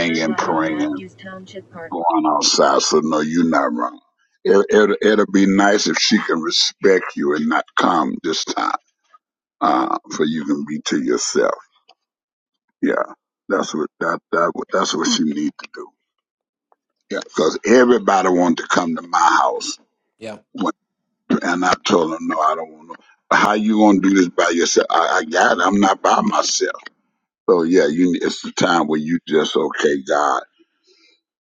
Turn right on
praying,
Matthews Township Park.
going outside. So no, you're not wrong. It, it, it'll it'll be nice if she can respect you and not come this time. uh, so you can be to yourself. Yeah, that's what that that that's what you need to do. Yeah, because everybody wanted to come to my house,
Yeah.
when, and I told them no, I don't want to. How you gonna do this by yourself? I, I got it. I'm not by myself. So yeah, you it's the time where you just okay, God.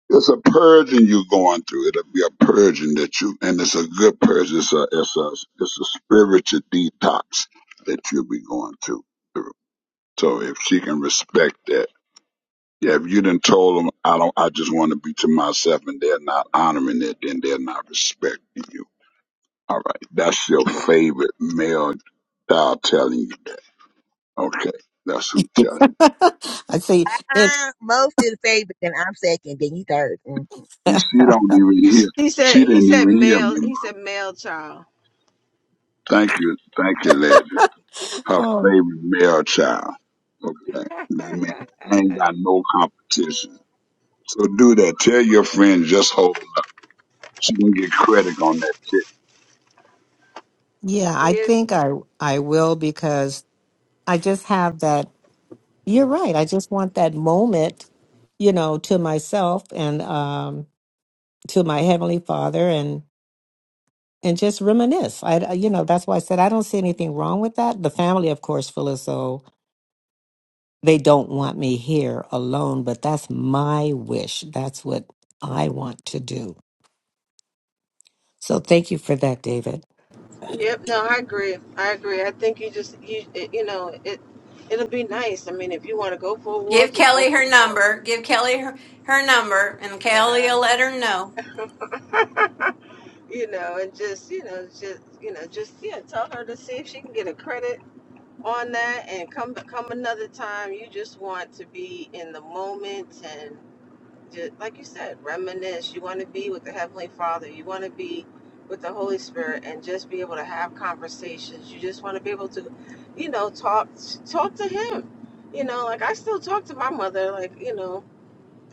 It's a purging you're going through. It'll be a purging that you, and it's a good purge. It's a, it's a, it's a spiritual detox that you'll be going through. So if she can respect that. Yeah, if you done told them, I don't, I just want to be to myself, and they're not honoring it, then they're not respecting you. All right, that's your favorite male child telling you that. Okay, that's who
<laughs>
telling.
I see. It,
I'm most is favorite, then I'm second, then you 3rd Mm-hmm.
You You she don't even hear.
He
She
said he
didn't
said
even hear me.
male
ma.
he said male child.
Thank you, thank you, legend. Her
um,
favorite male child. Okay, that means I ain't got no competition. So do that. Tell your friend just hold. She can get credit on that.
yeah, I
Yes.
think I I will because I just have that. You're right. I just want that moment, you know, to myself and um, to my heavenly Father, and just reminisce. I, I- you know, that's why I said I don't see anything wrong with that. The family, of course, feel as though they don't want me here alone, but that's my wish. That's what I want to do. So thank you for that, David.
Yep. No, I agree. I agree. I think you just you it, you know it. It'll be nice. I mean, if you want to go for a
Give
walk, you go
Kelly
for
her
a walk.
number. Give Kelly her, her number, and
You
Kelly
know.
will let her know.
<laughs> you know, and just you know, just you know, just yeah, tell her to see if she can get a credit on that, and come come another time. You just want to be in the moment and. just, like you said, reminisce. You want to be with the Heavenly Father. You want to be with the Holy Spirit and just be able to have conversations. You just want to be able to, you know, talk talk to Him. You know, like I still talk to my mother. Like you know,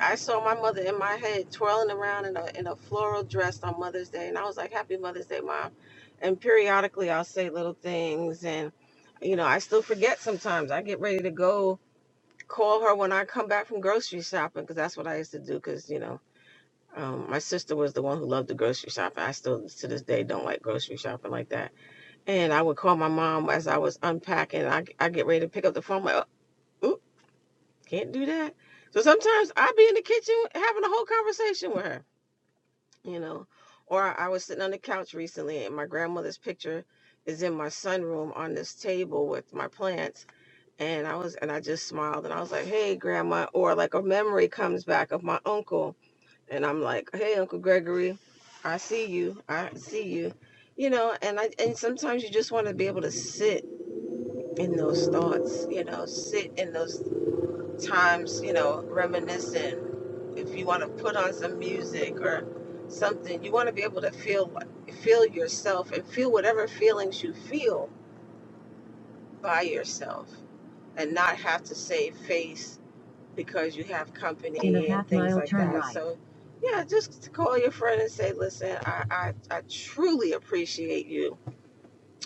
I saw my mother in my head twirling around in a in a floral dress on Mother's Day, and I was like, Happy Mother's Day, Mom. And periodically, I'll say little things, and you know, I still forget sometimes. I get ready to go call her when I come back from grocery shopping because that's what I used to do. Because you know. Um, my sister was the one who loved the grocery shopping. I still, to this day, don't like grocery shopping like that. And I would call my mom as I was unpacking. I I get ready to pick up the phone. I'm Like, oh, oop, can't do that. So sometimes I'd be in the kitchen having a whole conversation with her, you know. Or I was sitting on the couch recently, and my grandmother's picture is in my sunroom on this table with my plants. And I was, and I just smiled, and I was like, "Hey, grandma." Or like a memory comes back of my uncle and I'm like, "Hey, Uncle Gregory, I see you. I see you." You know, and I and sometimes you just want to be able to sit in those thoughts, you know, sit in those times, you know, reminiscing. If you want to put on some music or something, you want to be able to feel feel yourself and feel whatever feelings you feel by yourself and not have to save face because you have company and half things like that. right. So, yeah, just call your friend and say, listen, I, I, I truly appreciate you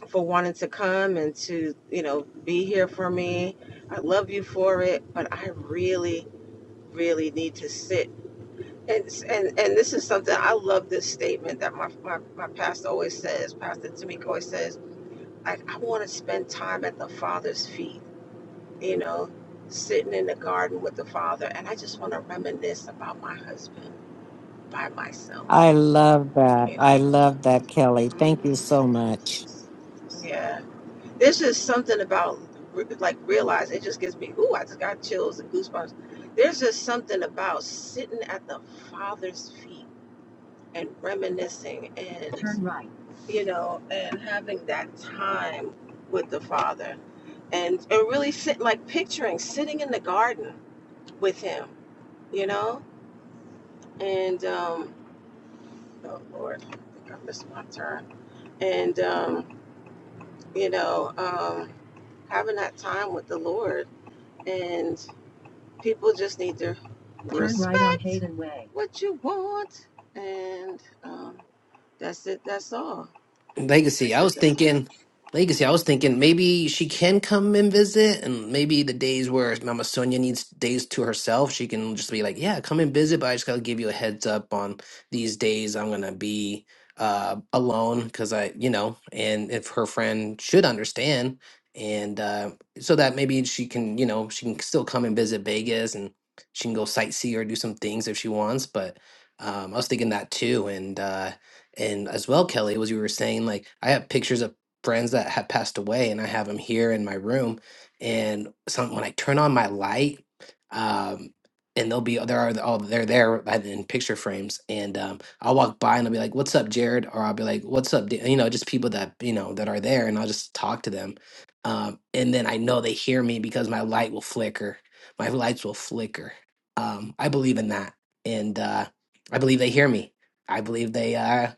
for wanting to come and to, you know, be here for me. I love you for it, but I really, really need to sit. And, and, and this is something I love this statement that my, my, my pastor always says, Pastor Tamika always says, I, I want to spend time at the Father's feet you know, sitting in the garden with the Father. And I just want to reminisce about my husband by myself,
I love that.
you know.
I love that, Kelly. Thank you
Mhm.
so much.
Yeah. There's just something about, like, realize it just gives me, ooh, I just got chills and goosebumps. There's just something about sitting at the Father's feet and reminiscing and, Turn right. you know, and having that time with the Father and, and really sit, like, picturing sitting in the garden with him, you know? and um, oh Lord, I think I missed my turn. And um, you know, um, having that time with the Lord, and people just need to respect Turn right on respect Hayden Way. What you want, and um, that's it. That's all.
Legacy.
That's
I
it.
was
That's all.
thinking, Legacy. I was thinking maybe she can come and visit, and maybe the days where Mama Sonia needs days to herself, she can just be like, "Yeah, come and visit." But I just gotta give you a heads up on these days I'm gonna be uh alone because I, you know, and if her friend should understand, and uh so that maybe she can, you know, she can still come and visit Vegas, and she can go sightsee or do some things if she wants, but. Um, I was thinking that too, and uh, and as well, Kelly, was you were saying, like I have pictures of friends that have passed away, and I have them here in my room. And some when I turn on my light, um, and they'll be there are all they're there like, in picture frames, and um, I'll walk by and I'll be like, "What's up, Jared?" Or I'll be like, "What's up?" Dan?" You know, just people that you know that are there, and I'll just talk to them. Um, and then I know they hear me because my light will flicker. My lights will flicker. Um, I believe in that, and uh, I believe they hear me. I believe they uh,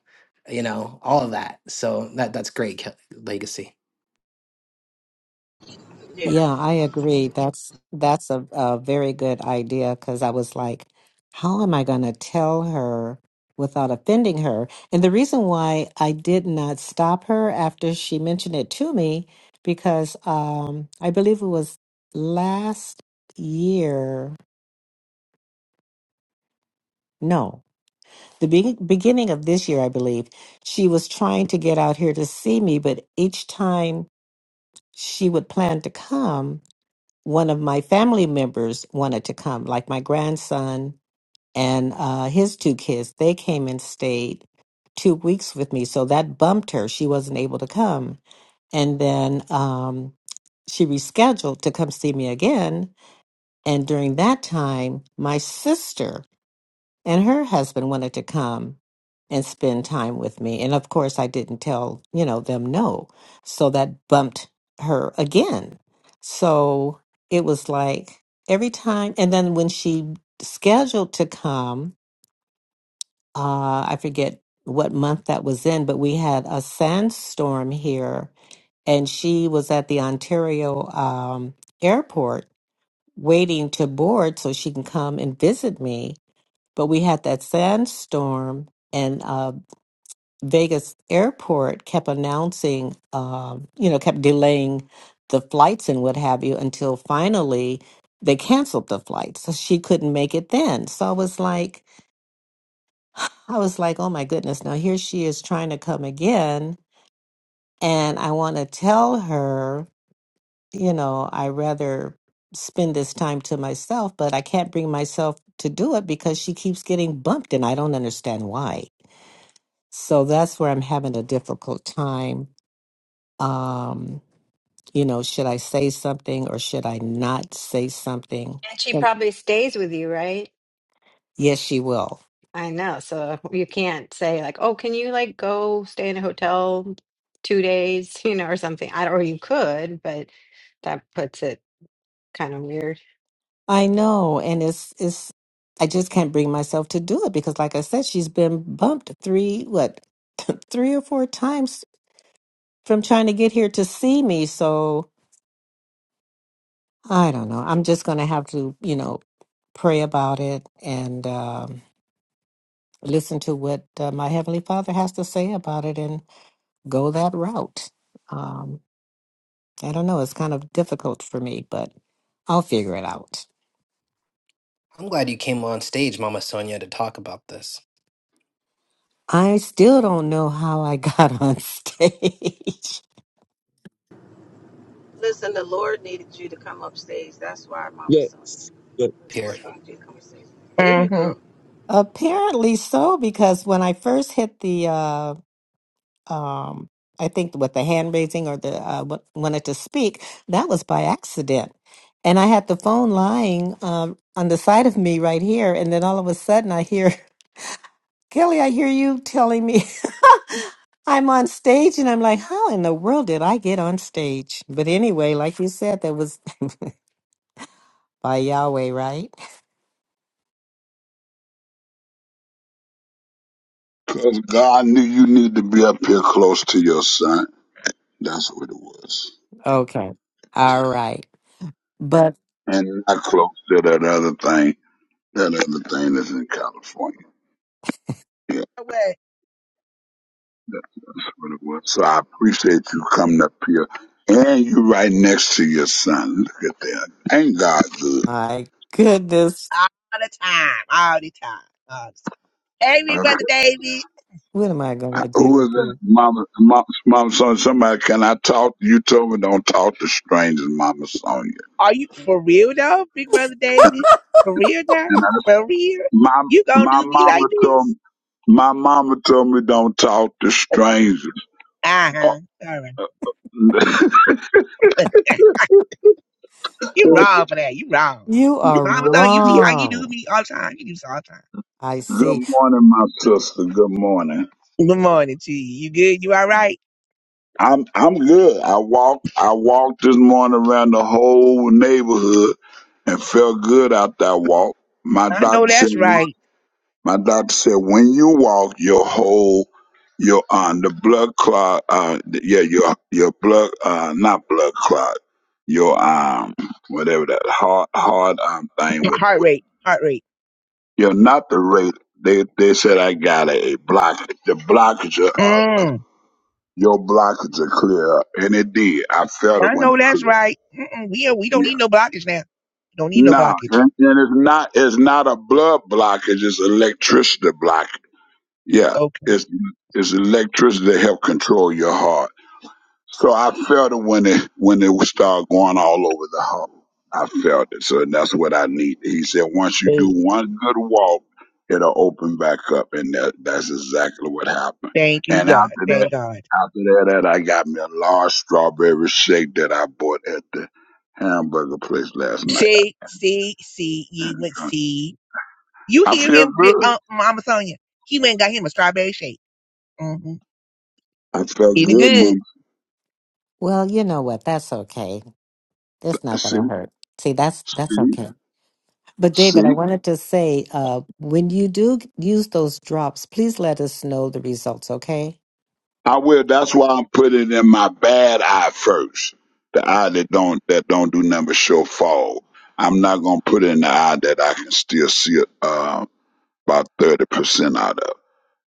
you know, all of that. So that that's great Ke- legacy.
Yeah.
Yeah, I agree. That's that's a, a very good idea because I was like, how am I going to tell her without offending her? And the reason why I did not stop her after she mentioned it to me, because um, I believe it was last year. No, the be- beginning of this year, I believe she was trying to get out here to see me, but each time. she would plan to come, one of my family members wanted to come, like my grandson and uh, his two kids. They came and stayed two weeks with me. So that bumped her. She wasn't able to come. And then um, she rescheduled to come see me again. And during that time, my sister and her husband wanted to come and spend time with me. And of course, I didn't tell, you know, them no. So that bumped her again. So it was like every time. And then when she scheduled to come, uh, I forget what month that was in, but we had a sandstorm here. And she was at the Ontario um, airport waiting to board so she can come and visit me but we had that sandstorm, and uh, Vegas airport kept announcing, um, you know, kept delaying the flights and what have you until finally they canceled the flight. So she couldn't make it then. So I was like, <sighs> I was like, oh my goodness, now here she is trying to come again. And I want to tell her, you know, I rather spend this time to myself, but I can't bring myself to do it because she keeps getting bumped and I don't understand why. So that's where I'm having a difficult time. Um, you know, should I say something or should I not say something? And yes, she will. I know, and it's it's. I just can't bring myself to do it because, like I said, she's been bumped three what <laughs> three or four times from trying to get here to see me. So I don't know. I'm just going to have to, you know, pray about it and um, listen to what uh, my heavenly Father has to say about it and go that route. Um, I don't know. It's kind of difficult for me, but I'll figure it out.
I'm glad you came on stage, Mama Sonia, to talk about this
I still don't know how I got <laughs> on stage.
Listen, the Lord needed you to come upstage. That's why, Mama Sonia.
Yes. yes.
The
here.
Lord needed you to come upstage. There you
Mm-hmm.
go.
Apparently so, because when I first hit the, uh, um, I think with the hand raising or the uh, w- wanted to speak, that was by accident. And I had the phone lying um, on the side of me right here. And then all of a sudden I hear, <laughs> Kelly, I hear you telling me I'm on stage and I'm like, how in the world did I get on stage? But anyway, like you said, that was <laughs> by Yahweh, right? <laughs>
Because God knew you need to be up here close to your son. That's what it was.
Okay. All right. But
And not close to that other thing, that other thing that's in California. Yeah, that- that's what it was. So I appreciate you coming up here. And you right next to your son. Look at that. Ain't God good?
my goodness,
All the time. All the time. All the time. Hey, Big
Okay.
Brother David.
what am I going
I-
to do
Who is
with
that?
you?
Mama, Mama, Mama Sonia, somebody, can I talk? You told me don't talk to strangers, Mama Sonia.
Are you for real though, Big Brother David? For real now? For real?
My
You gonna
my
do me like
mama told
this?
me, my mama told me don't talk to strangers. Oh,
Uh-huh. All right.
<laughs>
<laughs> you
<gasps>
good,
wrong
Oh,
for that. You wrong.
You are
Mama though, you
good-
see how you do
wrong.
me all the time. You do this all the time.
I
good
see.
morning, my sister. Good morning.
Good morning to you. You good? You all right?
I'm I'm good. I walked I walked this morning around the whole neighborhood and felt good after I walked. My
I know
doctor said
that's right.
My doctor said when you walk, your whole your um the blood clot uh th- yeah your your blood uh not blood clot your um whatever that hard hard um
<laughs> <clears throat>
thing would,
Heart
would
rate. Heart rate.
you know not the rate they they said I got a, blockage the blockage of uh
Mm.
your blockage will clear up and it did I felt it
I
when
know
it
that's
cleared up.
right. Mm-mm, we, we don't
yeah
need no blockage now. Don't need no
no
blockage.
and, and it's not it's not a blood blockage it's electricity blockage Yeah,
Okay.
it's it's electricity to help control your heart. So I felt it when it when it would start going all over the heart. I felt it, so that's what I need. He said, once you do one good walk, it'll open back up, and that that's exactly what happened.
Thank you,
And
God.
after that,
Thank God.
after that, that I got me a large strawberry shake that I bought at the hamburger place last night.
See, see, see, you went, see. You
I
hear
feel
him, bi-
good.
uh, Mama Sonia. He went and got him a strawberry shake. Mm-hmm.
I felt
Eat it is
good,
good,
Mom.
Well, you know what? That's okay. It's not going
See,
to hurt. See, that's that's
see.
okay. But David, I
See?
wanted to say, uh, when you do g- use those drops, please let us know the results, okay?
I will. That's why I'm putting in my bad eye first. The eye that don't that don't do nothing but show fall. I'm not gonna put in the eye that I can still see it, uh, about thirty percent out of.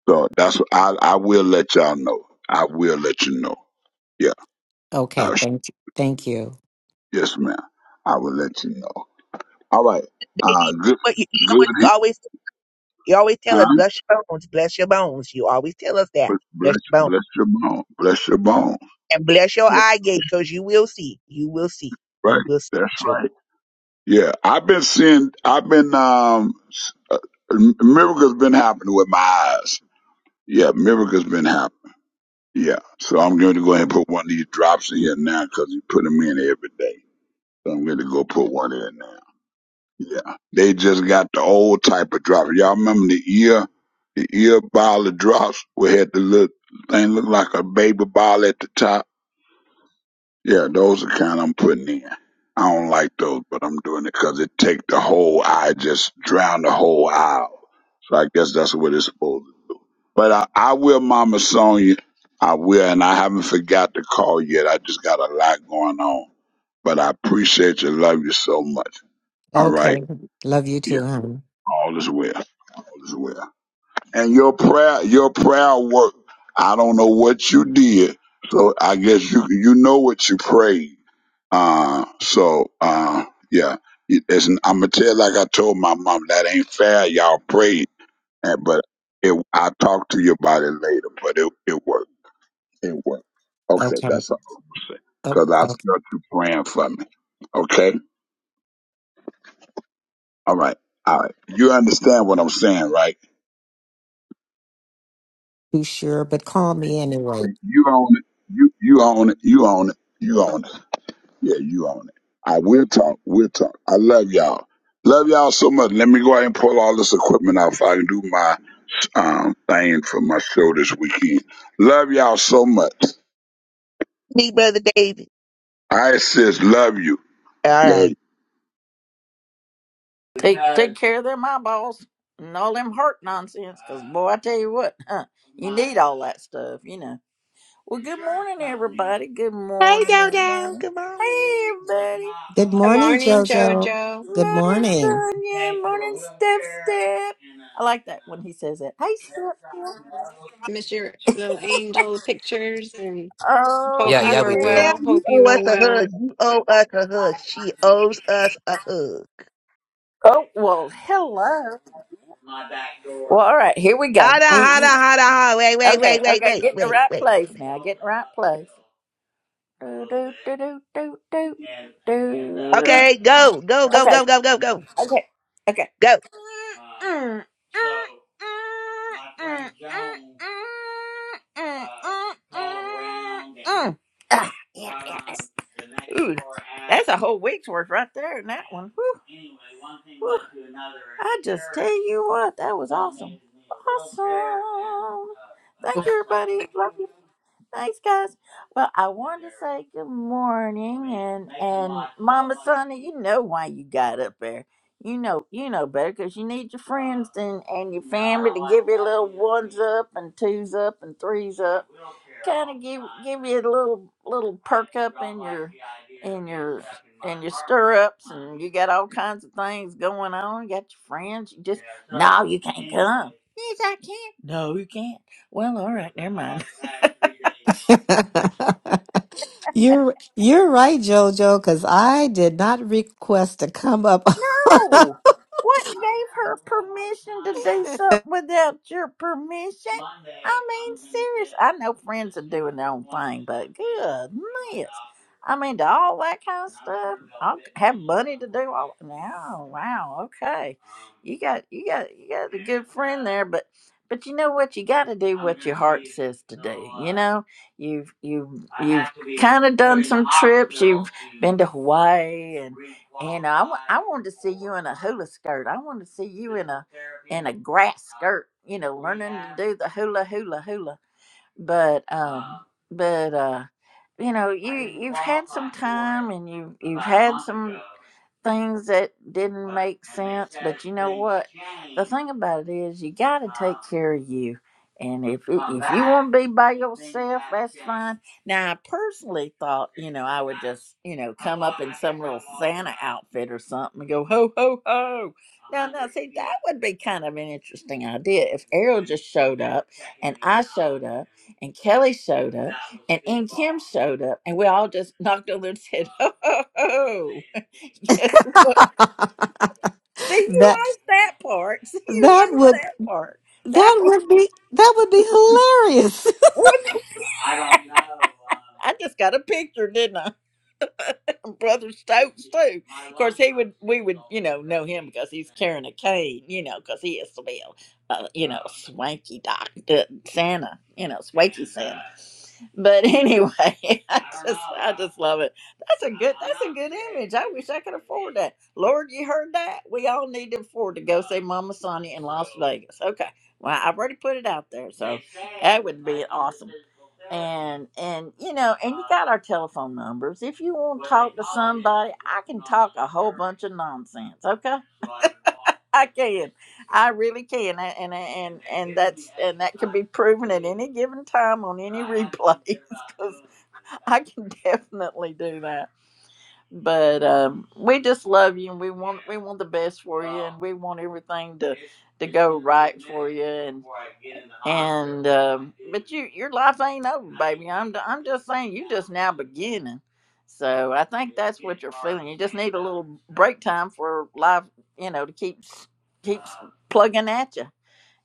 So that's what I I will let y'all know. I will let you know. Yeah.
Okay,
I, sh-
thank you. Thank you.
yes, ma'am. I will let you know. All right. Uh,
baby.
good.
But you, you know what you
Good.
always, you always tell
Huh?
us, bless your bones, bless your bones. You always tell us that.
Bless
Bless your bones.
bless your bone. Bless your bone.
And bless your
Yeah.
eye gate, because you will see. You will see.
Right.
You will see.
That's
Sure.
right. Yeah, I've been seeing. I've been um, s- uh, m- miracles been happening with my eyes. Yeah, miracles been happening. Yeah, so I'm going to go ahead and put one of these drops in here now because you put them in every day. So I'm going to go put one in now. Yeah, they just got the old type of drops. Y'all remember the ear, the ear bottle of drops? We had the little thing look like a baby bottle at the top. Yeah, those are kind I'm putting in. I don't like those, but I'm doing it 'cause it take the whole eye, just drown the whole eye. out. So I guess that's what it's supposed to. But I, I will, Mama Sonia. I will, and I haven't forgot to call yet. I just got a lot going on. But I appreciate you, love you so much. All right.
Okay. Love you
Yeah,
too, honey.
all is well. All is well. And your prayer, your prayer work. I don't know what you did, so I guess you you know what you prayed. Uh, so, uh, yeah, it- it's, I'm gonna tell like I told my mom that ain't fair. Y'all prayed, and, but it, I'll talk to you about it later. But it it worked. It worked. Okay,
Okay.
that's all I'm gonna say.
Oh,
Cause I
oh,
felt you praying for me. Okay. All right. All right. You understand what I'm saying, right?
too sure, but call me anyway.
You own it. You you own it. You own it. You own it. Yeah, you own it. I will talk. We'll talk. I love y'all. Love y'all so much. Let me go ahead and pull all this equipment out so I can do mine. um, thing for my show this weekend. Love y'all so much.
Me, Brother David.
I says love you.
All
Love.
right.
you.
Take take care of them eyeballs and all them heart nonsense, 'cause boy, I tell you what, huh, you need all that stuff, you know. Well, good morning, everybody. Good
Hey,
morning,
Dodo.
everybody.
Good morning.
Hey, everybody.
Good morning, Jojo. Good
Morning, <laughs>
morning.
Sonia. Morning, Step Step. I like that when he says that. Hey, Step Step. Oh,
Yeah,
I
yeah, we
tell
do.
Yeah,
you.
you owe us a hug. You owe us a hug. She owes us a hug.
Oh, well, hello. Well, all right, here we go.
Hold on,
You,
hold
you,
on, hold on, hold on. Wait, wait,
okay,
wait, wait,
okay,
wait,
get in the
wait,
right
wait.
place now. Get in the right place. Do, do, do, do, do, do,
Okay, go, go, go,
Okay,
go, go, go, go,
Okay, okay, okay.
go.
Ah, yeah, yeah. yeah. Ooh, that's a whole week's worth right there in that one. Whew. Whew. I just tell you what, that was awesome. Awesome. Thank you, everybody. Love you. Thanks, guys. Well, I wanted to say good morning, and and Mama Sonia, you know why you got up there. You know, you know better because you need your friends and and your family to give you little ones up and twos up and threes up. Kind of give give you a little little perk up in your in your in your stirrups, and you got all kinds of things going on. You got your friends. You just no, you can't come. Yes, I can. No, you can't. Well, all right, never mind. <laughs>
<laughs> you're you're right, Jojo, because I did not request to come up. <laughs>
No. What gave her permission to do something without your permission? I mean, serious. I know friends are doing their own thing, but goodness. I mean, to all that kind of stuff. I have money to do all. No, wow, okay. You got, you got, you got a good friend there, but, but you know what? You got to do what your heart says to do. You know. You've you've you've kind of done some trips. You've been to Hawaii and and I wa- I wanted to see you in a hula skirt. I wanted to see you in a in a grass skirt. You know, learning to do the hula hula hula but um but uh you know you you've had some time and you you've had some things that didn't make sense but you know what the thing about it is you got to take care of you and if it, if you want to be by yourself that's fine now i personally thought you know i would just you know come up in some little santa outfit or something and go ho ho ho now, now, see, that would be kind of an interesting idea if Errol just showed up and I showed up and Kelly showed up and N. Kim showed up and we all just <laughs> knocked on their head. <laughs> And said, ho, ho, ho. <laughs> Guess what? See, you
that
like that part. <laughs> See, you
that
like
would
that part. That
that
was,
would be that would be hilarious. <laughs>
<laughs> I don't know. <laughs> I just got a picture, didn't I? <laughs> Brother Stokes too. Of course, he would. We would, you know, know him because he's carrying a cane. You know, because he is to be a, a, you know, swanky doc uh, Santa. You know, swanky Santa. But anyway, <laughs> I just, I just love it. That's a good, that's a good image. I wish I could afford that. Lord, you heard that? We all need to afford to go see Mama Sonia in Las Vegas. Okay. Well, I've already put it out there, so that would be awesome. And and you know, and you got our telephone numbers. If you want to talk to somebody, I can talk a whole bunch of nonsense. Okay, I can, I really can, and and and and that's and that can be proven at any given time on any replays <laughs> because I can definitely do that but um, we just love you and we want we want the best for you and we want everything to to go right for you and and um, but you your life ain't over baby i'm i'm just saying you just now beginning so i think that's what you're feeling you just need a little break time for life you know to keep keeps plugging at you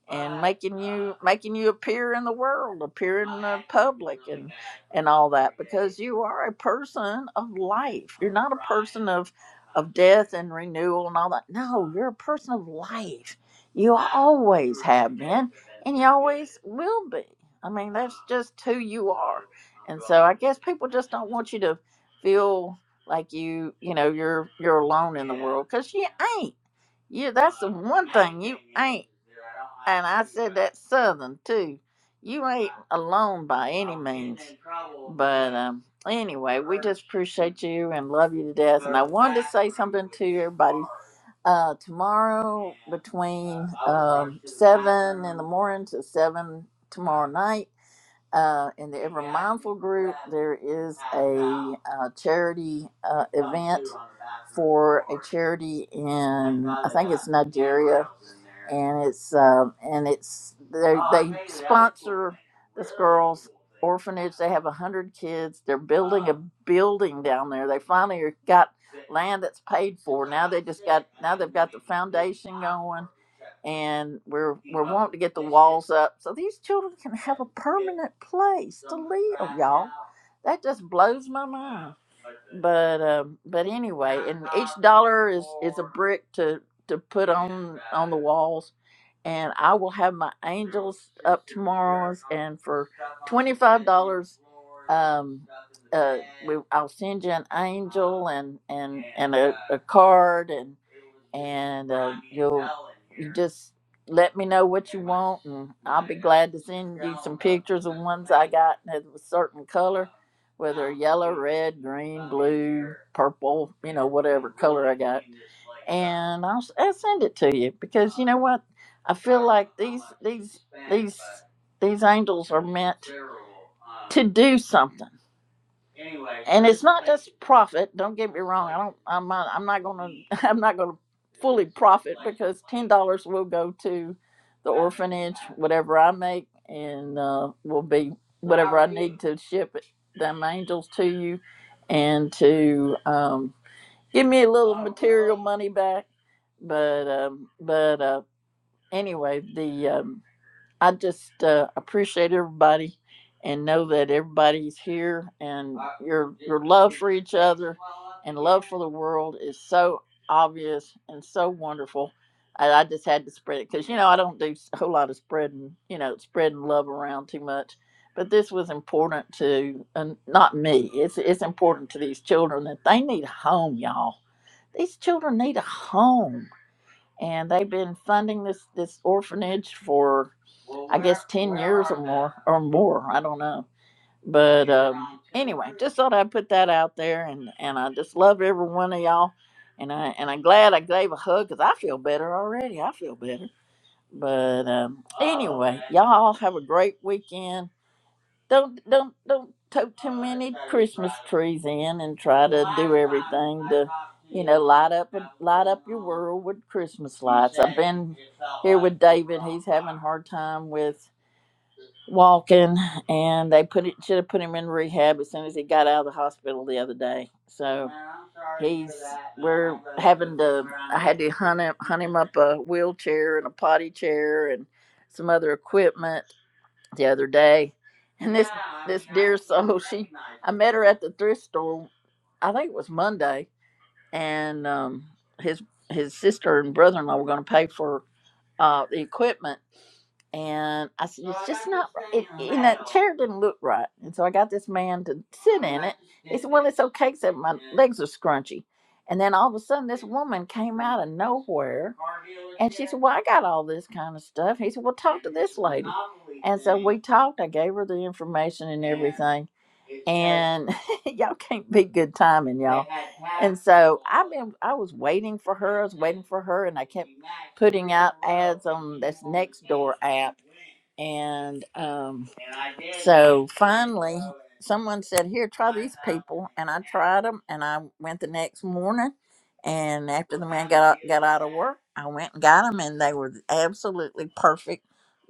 and making you making you appear in the world, appear in the public, and and all that because you are a person of life. You're not a person of of death and renewal and all that. No, you're a person of life. You always have been, and you always will be. I mean, that's just who you are. And so I guess people just don't want you to feel like you, you know, you're you're alone in the world because you you that's the one thing you ain't and I said that southern too. You ain't alone by any means. But um anyway, we just appreciate you and love you to death. And I wanted to say something to everybody. Uh tomorrow between um seven in the morning to seven tomorrow night uh, in the Ever Mindful group, there is a uh, charity uh, event for a charity in I think it's Nigeria, and it's um and it's they they sponsor this girl's orphanage. They have a hundred kids. They're building a building down there. They finally got land that's paid for. Now they just got now they've got the foundation going and we're we're wanting to get the walls up so these children can have a permanent place to live, y'all. That just blows my mind. But um, but anyway, and each dollar is is a brick to to put on on the walls and I will have my angels up tomorrow's and for twenty five dollars um uh we, I'll send you an angel and and and a, a card and and uh, you'll you just let me know what you want and I'll be glad to send you some pictures of ones I got that was a certain color whether yellow, red, green, blue, purple, you know, whatever color I got and I'll, s will send it to you because you know what? I feel like these these these these angels are meant to do something. And it's not just profit. Don't get me wrong. I don't. I'm not. I'm not gonna. <laughs> I'm not gonna fully profit because ten dollars will go to the orphanage. Whatever I make, and uh, will be whatever I need to ship it, them angels to you, and to um, give me a little material money back. But um, but uh, anyway, the um, I just uh, appreciate everybody and know that everybody's here and your your love for each other and love for the world is so obvious and so wonderful. I, I just had to spread it because you know I don't do a whole lot of spreading you know spreading love around too much, but this was important to and not me. It's it's important to these children that they need a home, y'all. These children need a home and they've been funding this this orphanage for I guess ten years or more or more. I don't know, but um, anyway, just thought I'd put that out there, and and I just love every one of y'all, and I and I'm glad I gave a hug because I feel better already. I feel better. But um, anyway, y'all have a great weekend don't don't don't tow too many Christmas trees in and try to do everything to you know light up and light up your world with Christmas lights. I've been here with David. He's having a hard time with walking, and they put it should have put him in rehab as soon as he got out of the hospital the other day. So he's we're having to. I had to hunt him hunt him up a wheelchair and a potty chair and some other equipment the other day, and this this dear soul, she I met her at the thrift store. I think it was Monday, and um, his his sister and brother in law were going to pay for uh, the equipment, and I said, it's just not right. It, and that chair didn't look right. And so I got this man to sit in it. He said, well, it's okay, Said my legs are scrunchy. And then all of a sudden, this woman came out of nowhere. And she said, well, I got all this kind of stuff. He said, well, talk to this lady. And so we talked. I gave her the information and everything. and. <laughs> y'all can't be good timing, y'all. And so I've been, I was waiting for her, I was waiting for her, and I kept putting out ads on this Nextdoor app. And um, so finally, someone said, Here, try these people. And I tried them, and I went the next morning. And after the man got out, got out of work, I went and got them, and they were absolutely perfect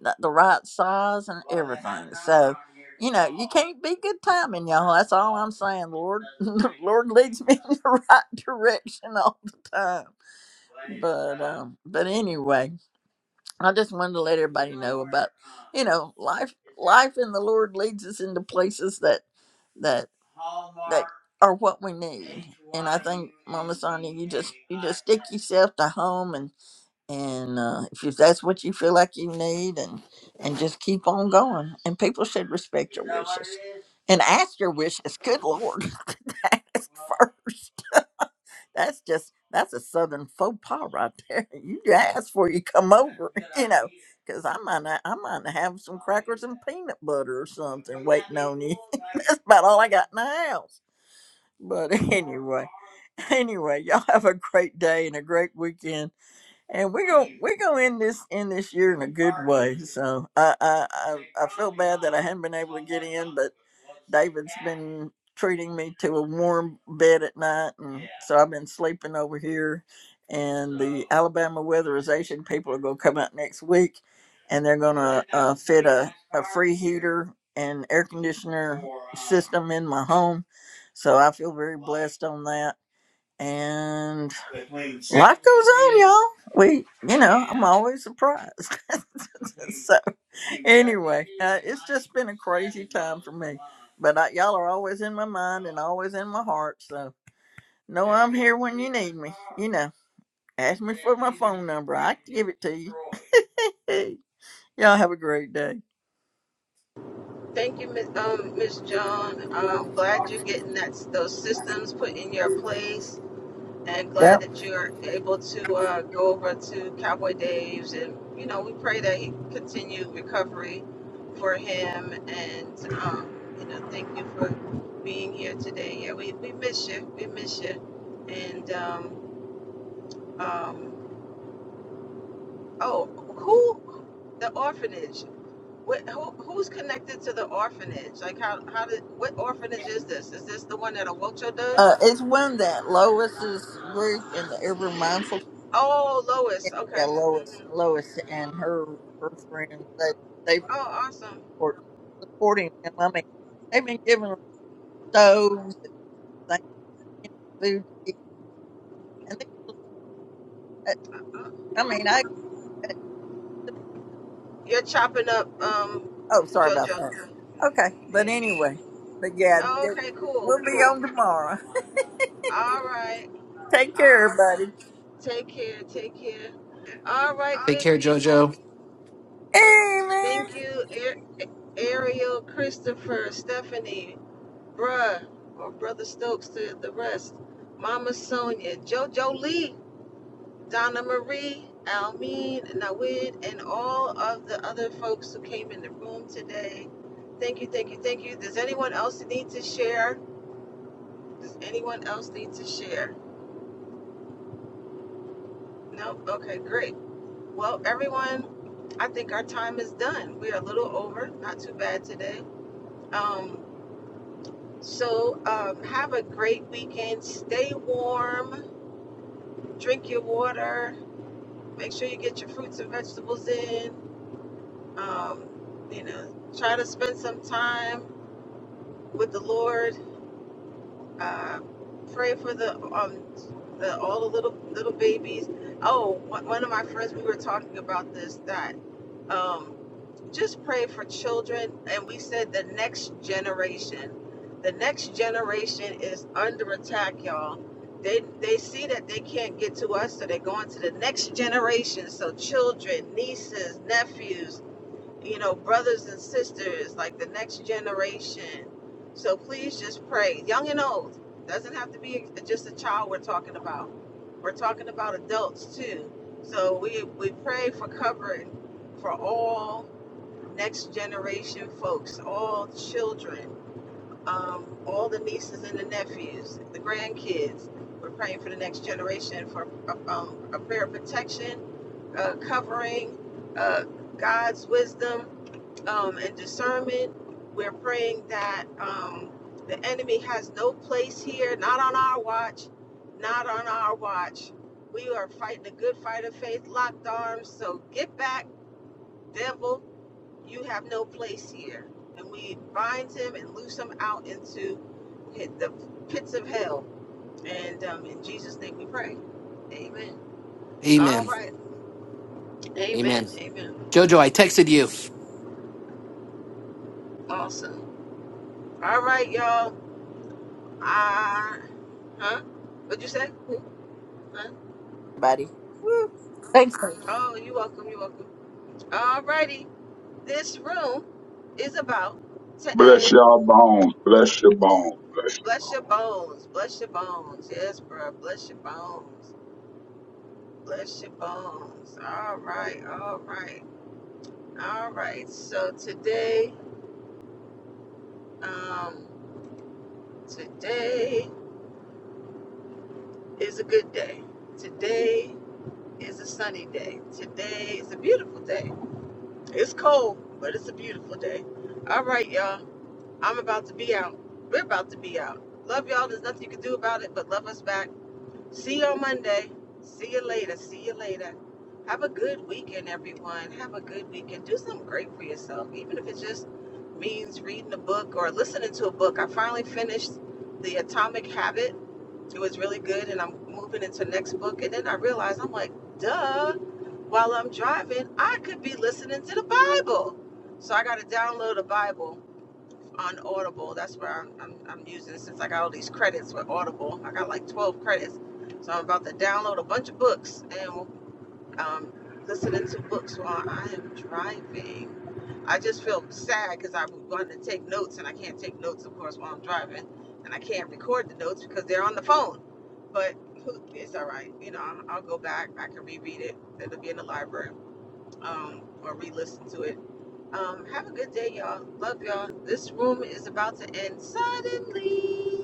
the, the right size and everything. So, you know, you can't be good timing, y'all. That's all I'm saying. Lord, <laughs> Lord leads me <laughs> in the right direction all the time. But um, but anyway, I just wanted to let everybody know about, you know, life. Life in the Lord leads us into places that that that are what we need. And I think, Mama Sonia, you just you just stick yourself to home and and uh, if you- that's what you feel like you need, and and just keep on going. And people should respect your wishes and ask your wishes. Good Lord, <laughs> ask first. That's just that's a southern faux pas right there. <laughs> You ask before you come over, <laughs> you know, because I might not, I might have some crackers and peanut butter or something waiting on you. <laughs> that's about all I got in the house. But <laughs> anyway, anyway, y'all have a great day and a great weekend and we're gonna we're gonna end this end this year in a good way. So I I I, I feel bad that I haven't been able to get in, but David's been treating me to a warm bed at night, and so I've been sleeping over here. And the Alabama weatherization people are gonna come out next week, and they're gonna uh, fit a a free heater and air conditioner system in my home. So I feel very blessed on that and a lot goes on, y'all. We, you know, I'm always surprised. <laughs> so, anyway, uh, it's just been a crazy time for me. But I, y'all are always in my mind and always in my heart. So, know I'm here when you need me. You know, ask me for my phone number. I can give it to you. <laughs> Hey, y'all have a great day.
Thank you, Miss um, Miss Joan. I'm glad you're getting that those systems put in your place, and
Yep.
glad that you're able to uh, go over to Cowboy Dave's. And you know, we pray that he continue recovery for him. And um, you know, thank you for being here today. Yeah, we, we miss you. We miss you. And um, um, Oh, who? The orphanage. What, who, who's connected to the orphanage? Like, how, how did, what orphanage is this? Is this the one that Awocho does?
Uh, it's one that Lois's group in the Ever Mindful.
Oh, Lois.
Yeah,
Okay.
Lois,
hmm
Lois and her her friends. They they.
Oh, awesome.
support, supporting them. I mean, they've been giving them stoves and things, you know, food to eat. And these, uh, I mean, I, uh,
You're chopping up, um,
oh, sorry about that.
JoJo.
Okay. But
Yeah.
anyway, but yeah,
Oh,
they-
okay, cool,
we'll be on
cool.
tomorrow.
All right,
<laughs> Take care,
all right.
everybody.
Take care, take care. All right,
Take
good
care,
people.
Jojo.
Amen.
Thank you, A- Ariel, Christopher, Stephanie, Bruh, or Brother Stokes to the rest. Mama Sonia, JoJo Lee, Donna Marie, Almeen, Nawid, and all of the other folks who came in the room today. Thank you, thank you, thank you. Does anyone else need to share? Does anyone else need to share? No? Okay, great. Well, everyone, I think our time is done. We are a little over, not too bad today. Um, so um, have a great weekend. Stay warm, drink your water Make sure you get your fruits and vegetables in. Um, you know, try to spend some time with the Lord uh, pray for the um the all the little little babies. Oh, one one of my friends we were talking about this that um just pray for children and we said the next generation. The next generation is under attack, y'all. They they see that they can't get to us, so they're going to the next generation. So children, nieces, nephews, you know, brothers and sisters, like the next generation. So please just pray, young and old. Doesn't have to be just a child we're talking about. We're talking about adults too. So we we pray for covering for all next generation folks, all children, um, all the nieces and the nephews, the grandkids. We're praying for the next generation for um, a prayer of protection, uh, covering, uh, God's wisdom um, and discernment. We're praying that um, the enemy has no place here, not on our watch, not on our watch. We are fighting a good fight of faith, locked arms. So get back, devil. You have no place here. And we bind him and loose him out into the pits of hell. And um, in Jesus' name we pray. Amen. All
Amen.
right. Amen.
Amen.
Amen.
Jojo, I
Mhm.
texted you.
Awesome. All right, y'all. I. Huh? What'd you say? Who? Huh?
Buddy. Woo. Thanks.
Oh, you're welcome. You're welcome. Alrighty. This room is about to
Bless
end.
y'all bones. Bless your bones. Bless.
Bless your bones. Bless your bones. Yes, bro. Bless your bones. Bless your bones. All right. All right. All right. So today, um, today is a good day. Today is a sunny day. Today is a beautiful day. It's cold, but it's a beautiful day. All right, y'all. I'm about to be out. We're about to be out. Love y'all. There's nothing you can do about it, but love us back. See you on Monday. See you later. See you later. Have a good weekend, everyone. Have a good weekend. Do something great for yourself, even if it just means reading a book or listening to a book. I finally finished The Atomic Habit. It was really good, and I'm moving into the next book. And then I realized I'm like, duh. While I'm driving, I could be listening to the Bible. So I got to download a Bible on Audible. That's where I'm, I'm, I'm using since I got all these credits with Audible. I got like 12 credits. So I'm about to download a bunch of books and um, listening to books while I am driving. I just feel sad because I wanted to take notes and I can't take notes, of course, while I'm driving. And I can't record the notes because they're on the phone. But <laughs> it's all right. You know, I'll go back. I can reread it. It'll be in the library um, or re-listen to it. Um, have a good day, y'all. Love y'all. This room is about to end suddenly.